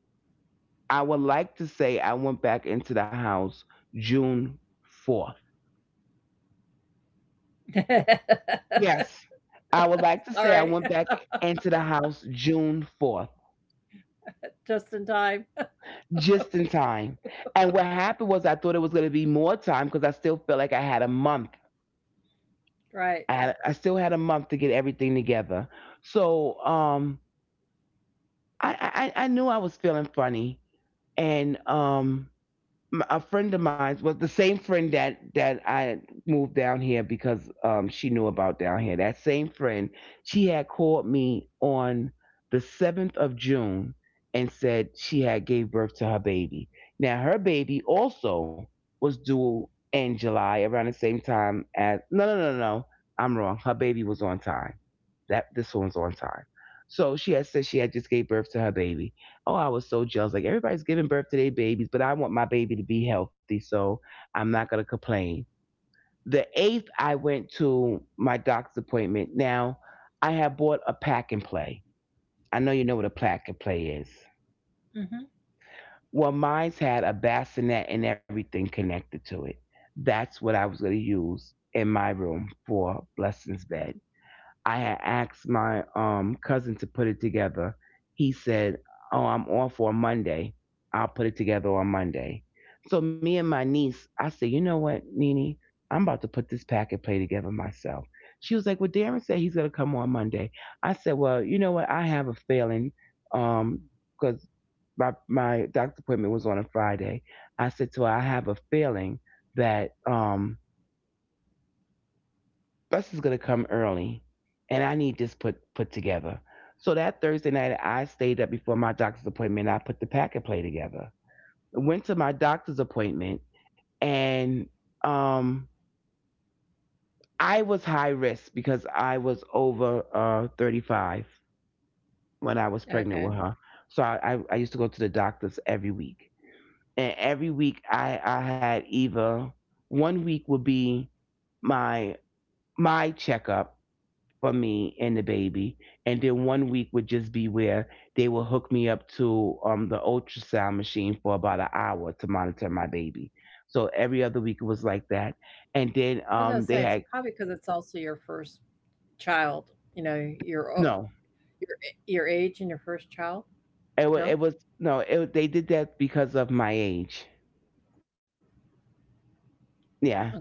Speaker 2: I would like to say I went back into the house June fourth. Yes. I would like to
Speaker 1: All
Speaker 2: say I
Speaker 1: right,
Speaker 2: went back into the house June fourth,
Speaker 1: just in time.
Speaker 2: just in time. And what happened was I thought it was going to be more time because I still felt like I had a month.
Speaker 1: Right.
Speaker 2: I, had, I still had a month to get everything together. So um, I, I, I I knew I was feeling funny. And um, m- a friend of mine was the same friend that that I moved down here because um she knew about down here. That same friend, she had called me on the seventh of June and said she had gave birth to her baby. Now her baby also was due in July around the same time as no no no no no, I'm wrong. Her baby was on time. That this one's on time. So she had said she had just gave birth to her baby. Oh, I was so jealous. Like, everybody's giving birth to their babies, but I want my baby to be healthy, so I'm not gonna complain. The eighth, I went to my doc's appointment. Now, I have bought a pack and play. I know you know what a pack and play is.
Speaker 1: Mhm.
Speaker 2: Well, mine's had a bassinet and everything connected to it. That's what I was gonna use in my room for Blessing's bed. I had asked my um cousin to put it together. He said, "Oh, I'm off on Monday. I'll put it together on Monday." So me and my niece, I said, "You know what, Nene? I'm about to put this packet play together myself." She was like, "Well, Darren said he's gonna come on Monday." I said, "Well, you know what? I have a feeling, um, because my my doctor appointment was on a Friday." I said to her, "I have a feeling that um." Bus is going to come early, and I need this put put together. So that Thursday night, I stayed up before my doctor's appointment. I put the packet play together. I went to my doctor's appointment, and um, I was high risk because I was over uh, thirty-five when I was
Speaker 1: Okay.
Speaker 2: pregnant with her. So I, I, I used to go to the doctors every week, and every week I I had either one week would be my my checkup for me and the baby. And then one week would just be where they will hook me up to um, the ultrasound machine for about an hour to monitor my baby. So every other week it was like that. And
Speaker 1: I was
Speaker 2: then
Speaker 1: gonna say
Speaker 2: um,
Speaker 1: it's
Speaker 2: they
Speaker 1: probably
Speaker 2: had,
Speaker 1: because it's also your first child, you know, your o
Speaker 2: no,
Speaker 1: your your age and your first child?
Speaker 2: it
Speaker 1: No?
Speaker 2: was, it was no, it, they did that because of my age.
Speaker 1: Okay.
Speaker 2: Yeah.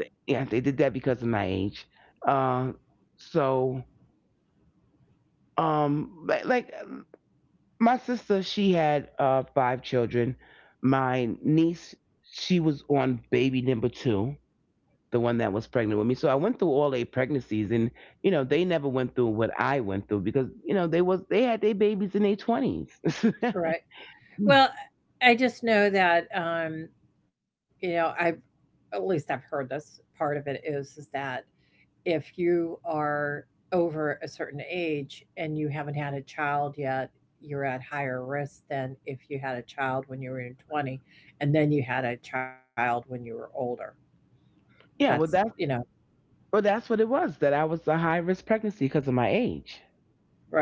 Speaker 2: Th- Yeah, they did that because of my age. Uh, so, um, li- like, my sister, she had uh five children. My niece, she was on baby number two, the one that was pregnant with me, so I went through all eight pregnancies. And, you know, they never went through what I went through because, you know, they was they had their babies in their twenties.
Speaker 1: All right. Well, I just know that, um, you know, I've at least I've heard this part of it is is that if you are over a certain age and you haven't had a child yet, you're at higher risk than if you had a child when you were in twenty and then you had a child when you were older. That's,
Speaker 2: yeah well
Speaker 1: you
Speaker 2: that's
Speaker 1: know,
Speaker 2: Well, that's what it was, that I was a high risk pregnancy because of my age.
Speaker 1: right.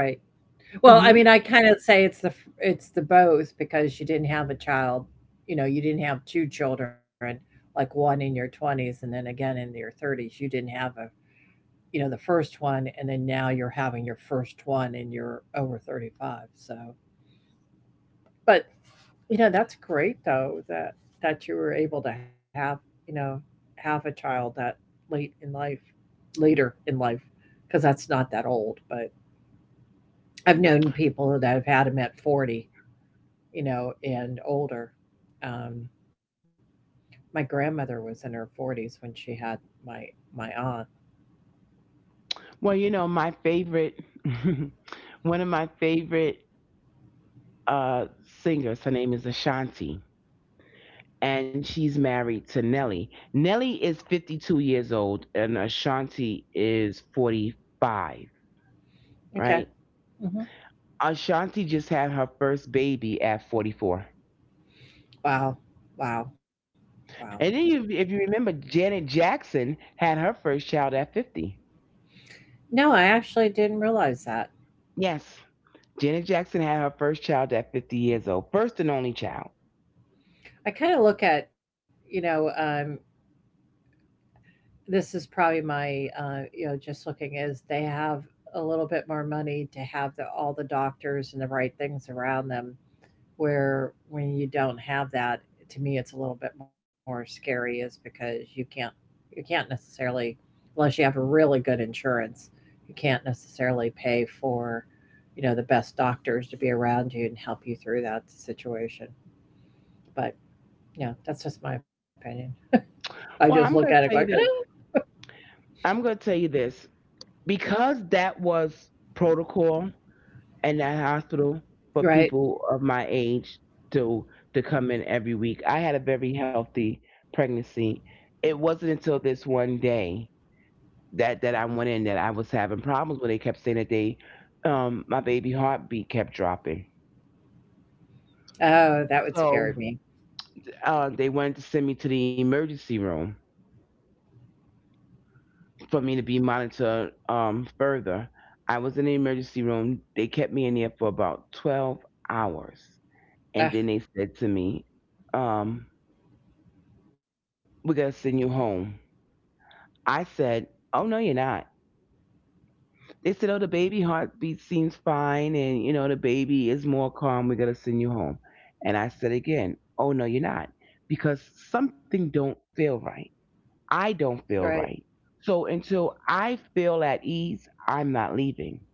Speaker 1: Well, I mean, I
Speaker 2: Hmm.
Speaker 1: kind of say it's the f- it's the both because you didn't have a child, you know, you didn't have two children, like one in your twenties and then again in your thirties. You didn't have a, you know, the first one and then now you're having your first one and you're over thirty-five. So but, you know, that's great though that that you were able to have, you know, have a child that late in life, later in life, because that's not that old. But I've known people that have had them at forty, you know, and older. Um, my grandmother was in her forties when she had my my aunt.
Speaker 2: Well, you know, my favorite, one of my favorite, uh, singers, her name is Ashanti, and she's married to Nelly. Nelly is fifty-two years old, and Ashanti is forty-five,
Speaker 1: Okay.
Speaker 2: right?
Speaker 1: Hmm.
Speaker 2: Ashanti just had her first baby at forty-four.
Speaker 1: Wow. Wow. Wow.
Speaker 2: And then, you, if you remember, Janet Jackson had her first child at fifty.
Speaker 1: No, I actually didn't realize that.
Speaker 2: Yes. Janet Jackson had her first child at fifty years old, first and only child.
Speaker 1: I kind of look at, you know, um, this is probably my, uh, you know, just looking is they have a little bit more money to have the, all the doctors and the right things around them. Where when you don't have that, to me, it's a little bit more scary, is because you can't, you can't necessarily, unless you have really good insurance, you can't necessarily pay for, you know, the best doctors to be around you and help you through that situation. But yeah, that's just my opinion. I just look
Speaker 2: Well,
Speaker 1: at
Speaker 2: I'm
Speaker 1: it
Speaker 2: going
Speaker 1: going,
Speaker 2: to tell you this.
Speaker 1: "Ah,"
Speaker 2: I'm going to tell you this. Because that was protocol in that hospital for
Speaker 1: right?
Speaker 2: people of my age to to come in every week. I had a very healthy pregnancy. It wasn't until this one day that that I went in that I was having problems where they kept saying that they, um my baby heartbeat kept dropping.
Speaker 1: Oh, that would
Speaker 2: So,
Speaker 1: scare me.
Speaker 2: uh, they wanted to send me to the emergency room for me to be monitored, um, further. I was in the emergency room. They kept me in there for about twelve hours. And
Speaker 1: Ugh,
Speaker 2: then they said to me, um, "We're going to send you home." I said, "Oh, no, you're not." They said, "Oh, the baby heartbeat seems fine. And, you know, the baby is more calm. We're going to send you home." And I said again, "Oh, no, you're not. Because something don't feel right. I
Speaker 1: right.
Speaker 2: don't feel right. So until I feel at ease, I'm not leaving."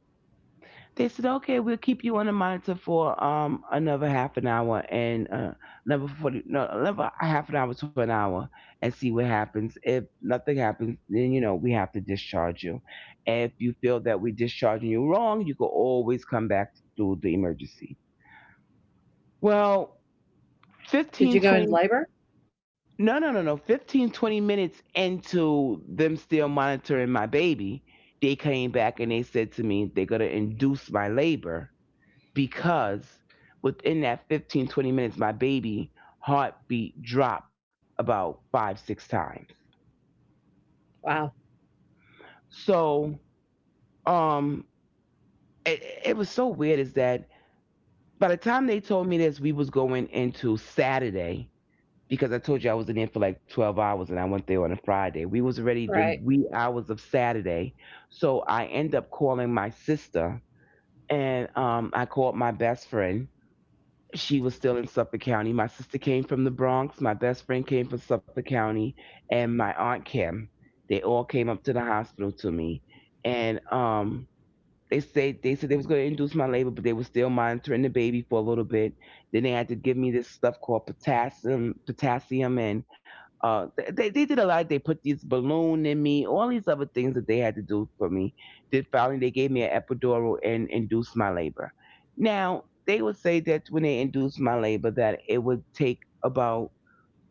Speaker 2: They said, "Okay, we'll keep you on the monitor for um another half an hour, and uh, another forty, no, another half an hour to an hour, and see what happens. If nothing happens, then, you know, we have to discharge you. If you feel that we're discharging you wrong, you can always come back through the emergency." Well,
Speaker 1: Did you
Speaker 2: fifteen
Speaker 1: go in
Speaker 2: twenty,
Speaker 1: labor?
Speaker 2: no, no, no, no, fifteen twenty minutes into them still monitoring my baby, they came back and they said to me, they're going to induce my labor because within that fifteen twenty minutes my baby heartbeat dropped about five six times.
Speaker 1: Wow.
Speaker 2: So um it, it was so weird is that by the time they told me this, we was going into Saturday. Because I told you I was in there for like twelve hours, and I went there on a Friday, we was already
Speaker 1: Right.
Speaker 2: the wee hours of Saturday. So I end up calling my sister, and um, I called my best friend. She was still in Suffolk County. My sister came from the Bronx. My best friend came from Suffolk County, and my aunt Kim. They all came up to the hospital to me, and um, they said they said they was going to induce my labor, but they were still monitoring the baby for a little bit. Then they had to give me this stuff called potassium, potassium, and uh, th- they they did a lot. They put this balloon in me, all these other things that they had to do for me. Then finally they gave me an epidural and induced my labor. Now they would say that when they induced my labor, that it would take about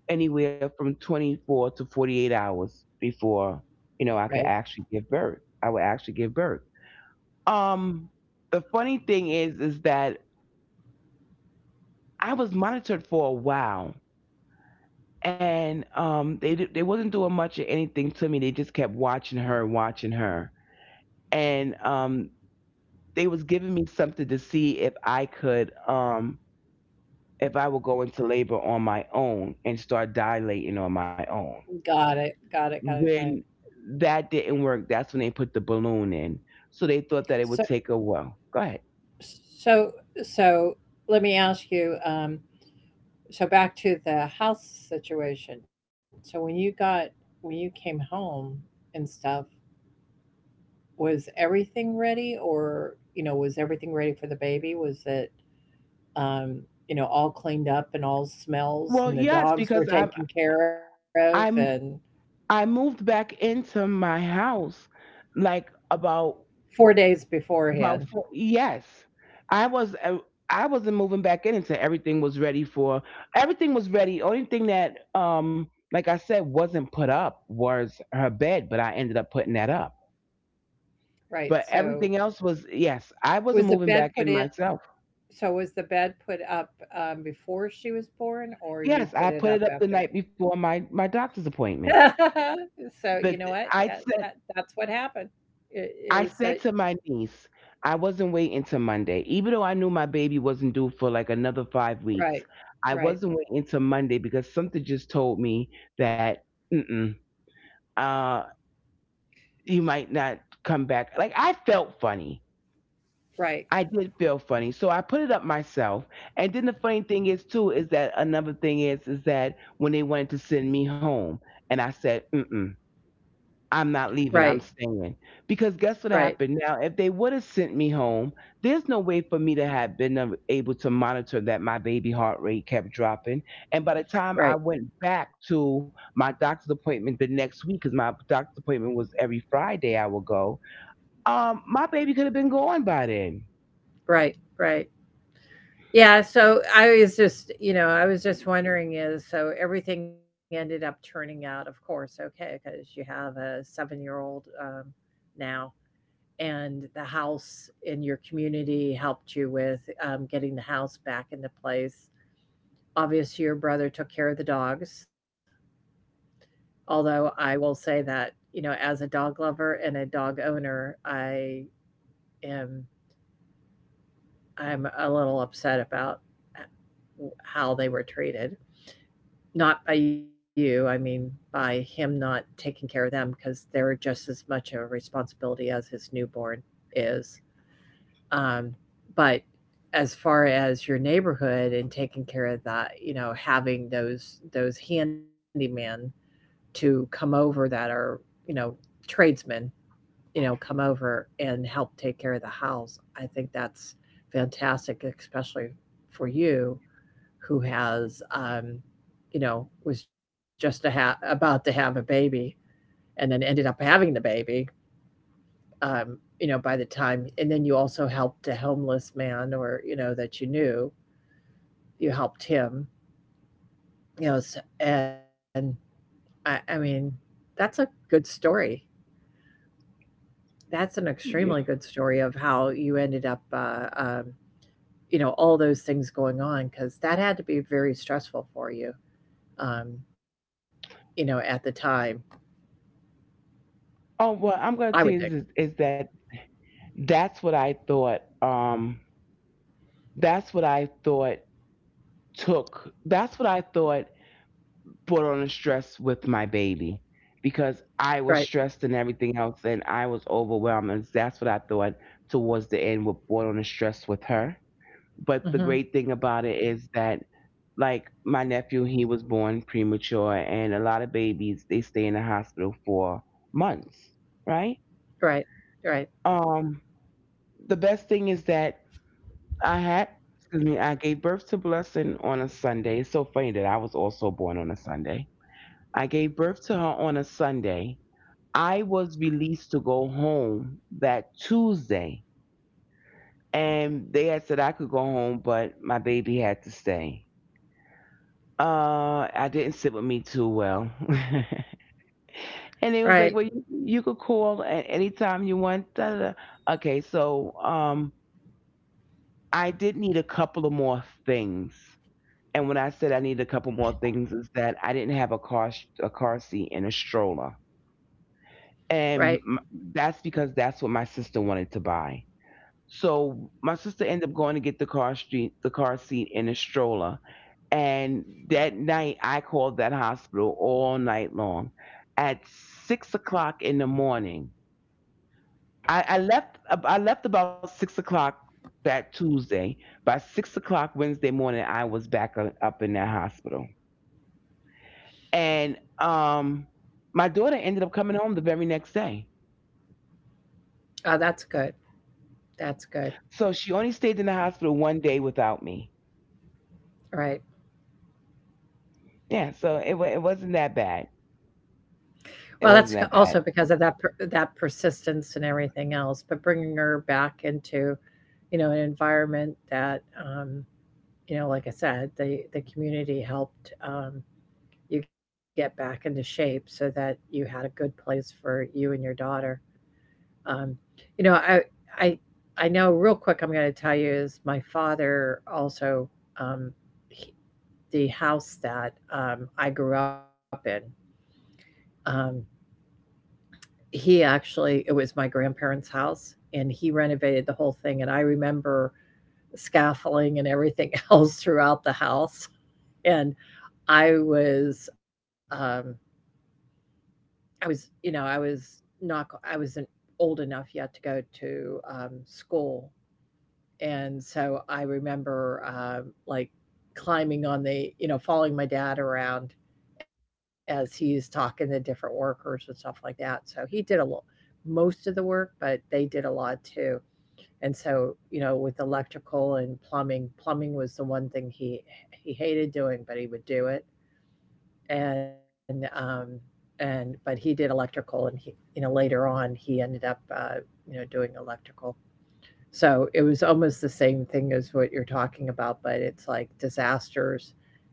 Speaker 2: anywhere from twenty-four to forty-eight hours before you know
Speaker 1: Right.
Speaker 2: I could actually give birth. I would actually give birth um, the funny thing is, is that I was monitored for a while, and um, they di- they wasn't doing much of anything to me. They just kept watching her and watching her, and um, they was giving me something to see if I could um if I would go into labor on my own and start dilating on my own.
Speaker 1: Got it. Got it. Got it. Got it.
Speaker 2: When that didn't work, that's when they put the balloon in. So they thought
Speaker 1: So,
Speaker 2: that it would take a while. Go ahead.
Speaker 1: so, so let me ask you, um, so back to the house situation. So when you got, when you came home and stuff, was everything ready or, you know, was everything ready for the baby? Was it, um, you know, all cleaned up and all smells
Speaker 2: Well,
Speaker 1: and the
Speaker 2: yes,
Speaker 1: dogs
Speaker 2: because
Speaker 1: were
Speaker 2: I'm
Speaker 1: taken care of and
Speaker 2: I'm I moved back into my house like about
Speaker 1: four days
Speaker 2: about
Speaker 1: beforehand,
Speaker 2: four, yes. I was uh, I wasn't moving back in until everything was ready for everything was ready. Only thing that um like I said wasn't put up was her bed, but I ended up putting that up.
Speaker 1: right,
Speaker 2: But everything
Speaker 1: so
Speaker 2: else was, yes, I wasn't moving
Speaker 1: was the
Speaker 2: back in
Speaker 1: bed put in
Speaker 2: myself.
Speaker 1: so was the bed put up, um, before she was born,
Speaker 2: Yes,
Speaker 1: or
Speaker 2: I
Speaker 1: you
Speaker 2: put it
Speaker 1: put
Speaker 2: up
Speaker 1: it
Speaker 2: the
Speaker 1: up
Speaker 2: night before
Speaker 1: after?
Speaker 2: my my doctor's appointment.
Speaker 1: So,
Speaker 2: But
Speaker 1: you know what?
Speaker 2: I
Speaker 1: That
Speaker 2: said
Speaker 1: that that's what happened. It
Speaker 2: I said
Speaker 1: is
Speaker 2: to
Speaker 1: that
Speaker 2: my niece, I wasn't waiting till Monday. Even though I knew my baby wasn't due for like another five weeks,
Speaker 1: right,
Speaker 2: I wasn't
Speaker 1: right,
Speaker 2: waiting till Monday because something just told me that, mm-mm, uh, you might not come back. Like I felt funny.
Speaker 1: right,
Speaker 2: I did feel funny. So I put it up myself. And then the funny thing is too, is that another thing is, is that when they wanted to send me home and I said, mm-mm. I'm not
Speaker 1: right,
Speaker 2: leaving. I'm staying. Because guess what
Speaker 1: right,
Speaker 2: happened? Now, if they would have sent me home, there's no way for me to have been a- able to monitor that my baby heart rate kept dropping. And by the
Speaker 1: right,
Speaker 2: time I went back to my doctor's appointment the next week, because my doctor's appointment was every Friday I would go, um, my baby could have been gone by then.
Speaker 1: right, right. Yeah, so I was just you know, I was just wondering is so everything ended up turning out, of course, okay because you have a seven-year-old, um, now, and the house in your community helped you with um, getting the house back into place. Obviously, your brother took care of the dogs. Although I will say that you know, as a dog lover and a dog owner, I am I'm a little upset about how they were treated. Not by you, I mean by him not taking care of them because they're just as much of a responsibility as his newborn is. Um, but as far as your neighborhood and taking care of that, you know, having those those handyman to come over that are, you know, tradesmen, you know, come over and help take care of the house. I think that's fantastic, especially for you who has, um, you know, was just a ha- about to have a baby and then ended up having the baby um, you know, by the time, and then you also helped a homeless man or, you know, that you knew, you helped him, you know, s- and I, I mean, that's a good story. That's an extremely good
Speaker 2: Yeah.
Speaker 1: story of how you ended up, uh, um, you know, all those things going on because that had to be very stressful for you, um, you know, at the time.
Speaker 2: Oh, well,
Speaker 1: I
Speaker 2: I'm
Speaker 1: would think,
Speaker 2: going to tell you this is, is that that's what I thought. Um, that's what I thought took. That's what I thought put on the stress with my baby because
Speaker 1: right?
Speaker 2: I was stressed and everything else, and I was overwhelmed. And that's what I thought towards the end with brought on the stress with her. But the
Speaker 1: Hmm.
Speaker 2: great thing about it is that, like my nephew, he was born premature, and a lot of babies they stay in the hospital for months, right?
Speaker 1: Right, right,
Speaker 2: Um, the best thing is that I had. Excuse me, I gave birth to Blessing on a Sunday. It's so funny that I was also born on a Sunday. I gave birth to her on a Sunday. I was released to go home that Tuesday, and they had said I could go home, but my baby had to stay. Uh, I didn't sit with me too well,
Speaker 1: right,
Speaker 2: and they was like, "Well, you, you could call at any time you want." Da, da, da. Okay, so um, I did need a couple of more things, and when I said I need a couple more things, is that I didn't have a car a car seat and a stroller
Speaker 1: right.
Speaker 2: and m- that's because that's what my sister wanted to buy. So my sister ended up going to get the car street, the car seat in a stroller. And that night, I called that hospital all night long. At six o'clock in the morning, I, I left. I left about six o'clock that Tuesday. By six o'clock Wednesday morning, I was back u- up in that hospital. And um, my daughter ended up coming home the very next day.
Speaker 1: Uh, that's good. That's good.
Speaker 2: So she only stayed in the hospital one day without me.
Speaker 1: Right.
Speaker 2: Yeah, so it wa- it wasn't that bad.
Speaker 1: Well, that's c
Speaker 2: It wasn't
Speaker 1: also
Speaker 2: that
Speaker 1: because
Speaker 2: bad.
Speaker 1: of that per that persistence and everything else, but bringing her back into, you know, an environment that, um, you know, like I said, the the community helped, um, you get back into shape so that you had a good place for you and your daughter. Um, you know, I I I know real quick I'm gonna tell you is my father also, um, he the house that, um, I grew up in, um, He actually it was my grandparents' house, and he renovated the whole thing, and I remember scaffolding and everything else throughout the house, and I was, um, I was, you know, I was not I I wasn't old enough yet to go to, um, school. And so I remember, um, like, climbing on the you know, following my dad around as he's talking to different workers and stuff like that. So he did a lo most of the work, but they did a lot too. And so, you know, with electrical and plumbing plumbing was the one thing he he hated doing, but he would do it. And, um, and but he did electrical and he, you know, later on, he ended up, uh, you know, doing electrical. So, it was almost the same thing as what you're talking about, but it's like disasters,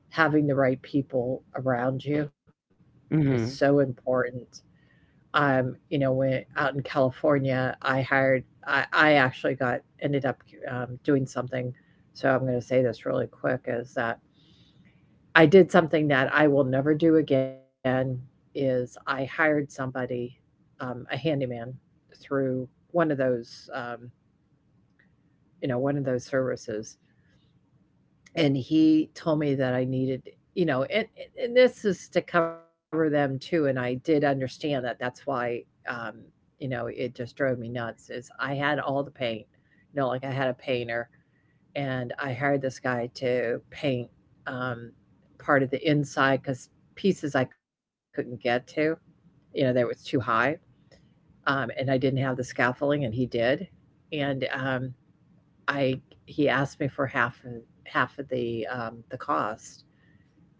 Speaker 1: having the right people around you is so
Speaker 2: Mhm.
Speaker 1: important. Um, you know, when out in California, I hired I I actually got ended up, um, doing something, so I'm gonna say this really quick, is that I did something that I will never do again, is I hired somebody, um, a handyman, through one of those, um, you know, one of those services, and he told me that I needed, you know, and and this is to cover them too. And I did understand that. That's why, um, you know, it just drove me nuts. Is I had all the paint, you know, like I had a painter, and I hired this guy to paint um, part of the inside because pieces I couldn't get to, you know, there was too high, um, and I didn't have the scaffolding, and he did, and um, I he asked me for half of half of the um, the cost,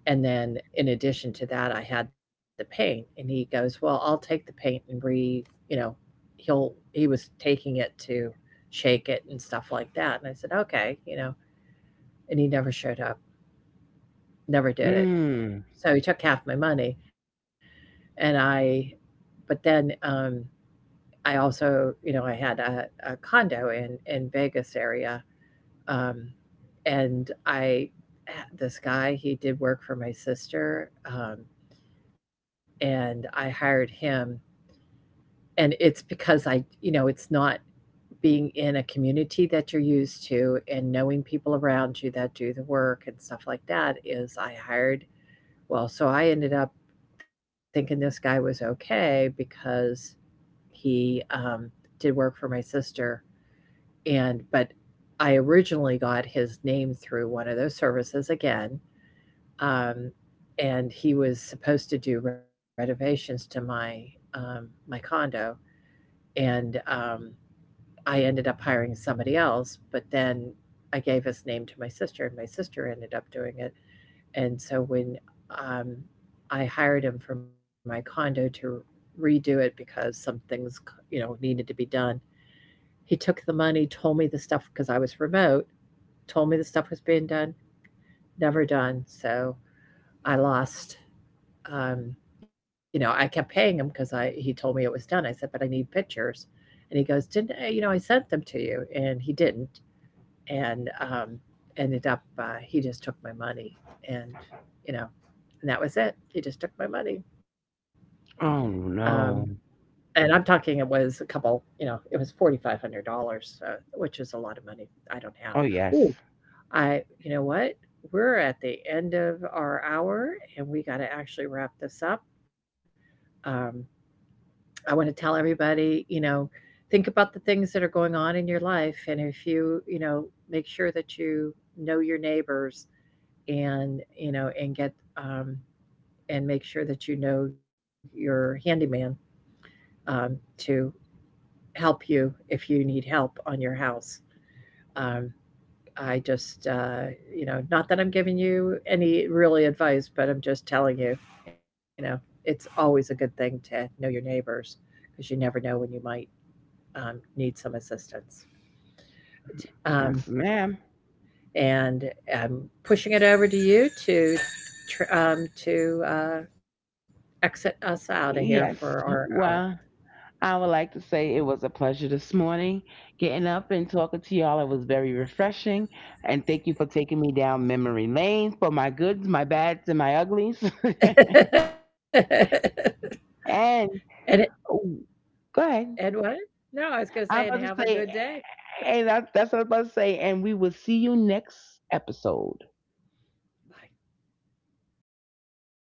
Speaker 1: and then in addition to that, I had the paint. And he goes, "Well, I'll take the paint and re, you know, he'll he was taking it to shake it and stuff like that." And I said, "Okay, you know," and he never showed up, never did it.
Speaker 2: Mm.
Speaker 1: So he took half my money, and I, but then um, I also, you know, I had a, a condo in in Vegas area. Um, and I, this guy, he did work for my sister, um, and I hired him. And it's because I, you know, it's not being in a community that you're used to and knowing people around you that do the work and stuff like that is I hired, well, so I ended up thinking this guy was okay because he um, did work for my sister. And but I originally got his name through one of those services again, um, and he was supposed to do renovations to my um, my condo, and um, I ended up hiring somebody else. But then I gave his name to my sister, and my sister ended up doing it. And so when um, I hired him for my condo to redo it because some things, you know, needed to be done, he took the money, told me the stuff because I was remote, told me the stuff was being done, never done. So I lost. Um, you know, I kept paying him because I he told me it was done. I said, but I need pictures, and he goes, didn't I, you know I sent them to you, and he didn't, and um, ended up uh, he just took my money, and you know, and that was it. He just took my money.
Speaker 2: Oh
Speaker 1: Um,
Speaker 2: no.
Speaker 1: and I'm talking it was a couple, you know, it was forty five hundred dollars, uh, which is a lot of money. I don't have.
Speaker 2: Oh
Speaker 1: Oh,
Speaker 2: yes.
Speaker 1: I, you know what? We're at the end of our hour and we got to actually wrap this up. Um, I want to tell everybody, you know, think about the things that are going on in your life. And if you, you know, make sure that you know your neighbors and, you know, and get, um, and make sure that you know your handyman um, to help you if you need help on your house. Um, I just, uh, you know, not that I'm giving you any really advice, but I'm just telling you, you know, it's always a good thing to know your neighbors because you never know when you might um, need some assistance. Um,
Speaker 2: Yes, ma'am.
Speaker 1: and I'm pushing it over to you to tr- um, to uh, exit us out of here for our
Speaker 2: Yes.
Speaker 1: hour.
Speaker 2: Well, I would like to say it was a pleasure this morning getting up and talking to y'all. It was very refreshing, and thank you for taking me down memory lane for my goods, my bads, and my uglies.
Speaker 1: And
Speaker 2: And
Speaker 1: it,
Speaker 2: oh, go
Speaker 1: and
Speaker 2: ahead.
Speaker 1: what? No, I was going to say,
Speaker 2: I'm
Speaker 1: and
Speaker 2: about
Speaker 1: have
Speaker 2: to
Speaker 1: a
Speaker 2: say.
Speaker 1: good day.
Speaker 2: And that, that's what I was about to say. And we will see you next episode.
Speaker 1: Bye.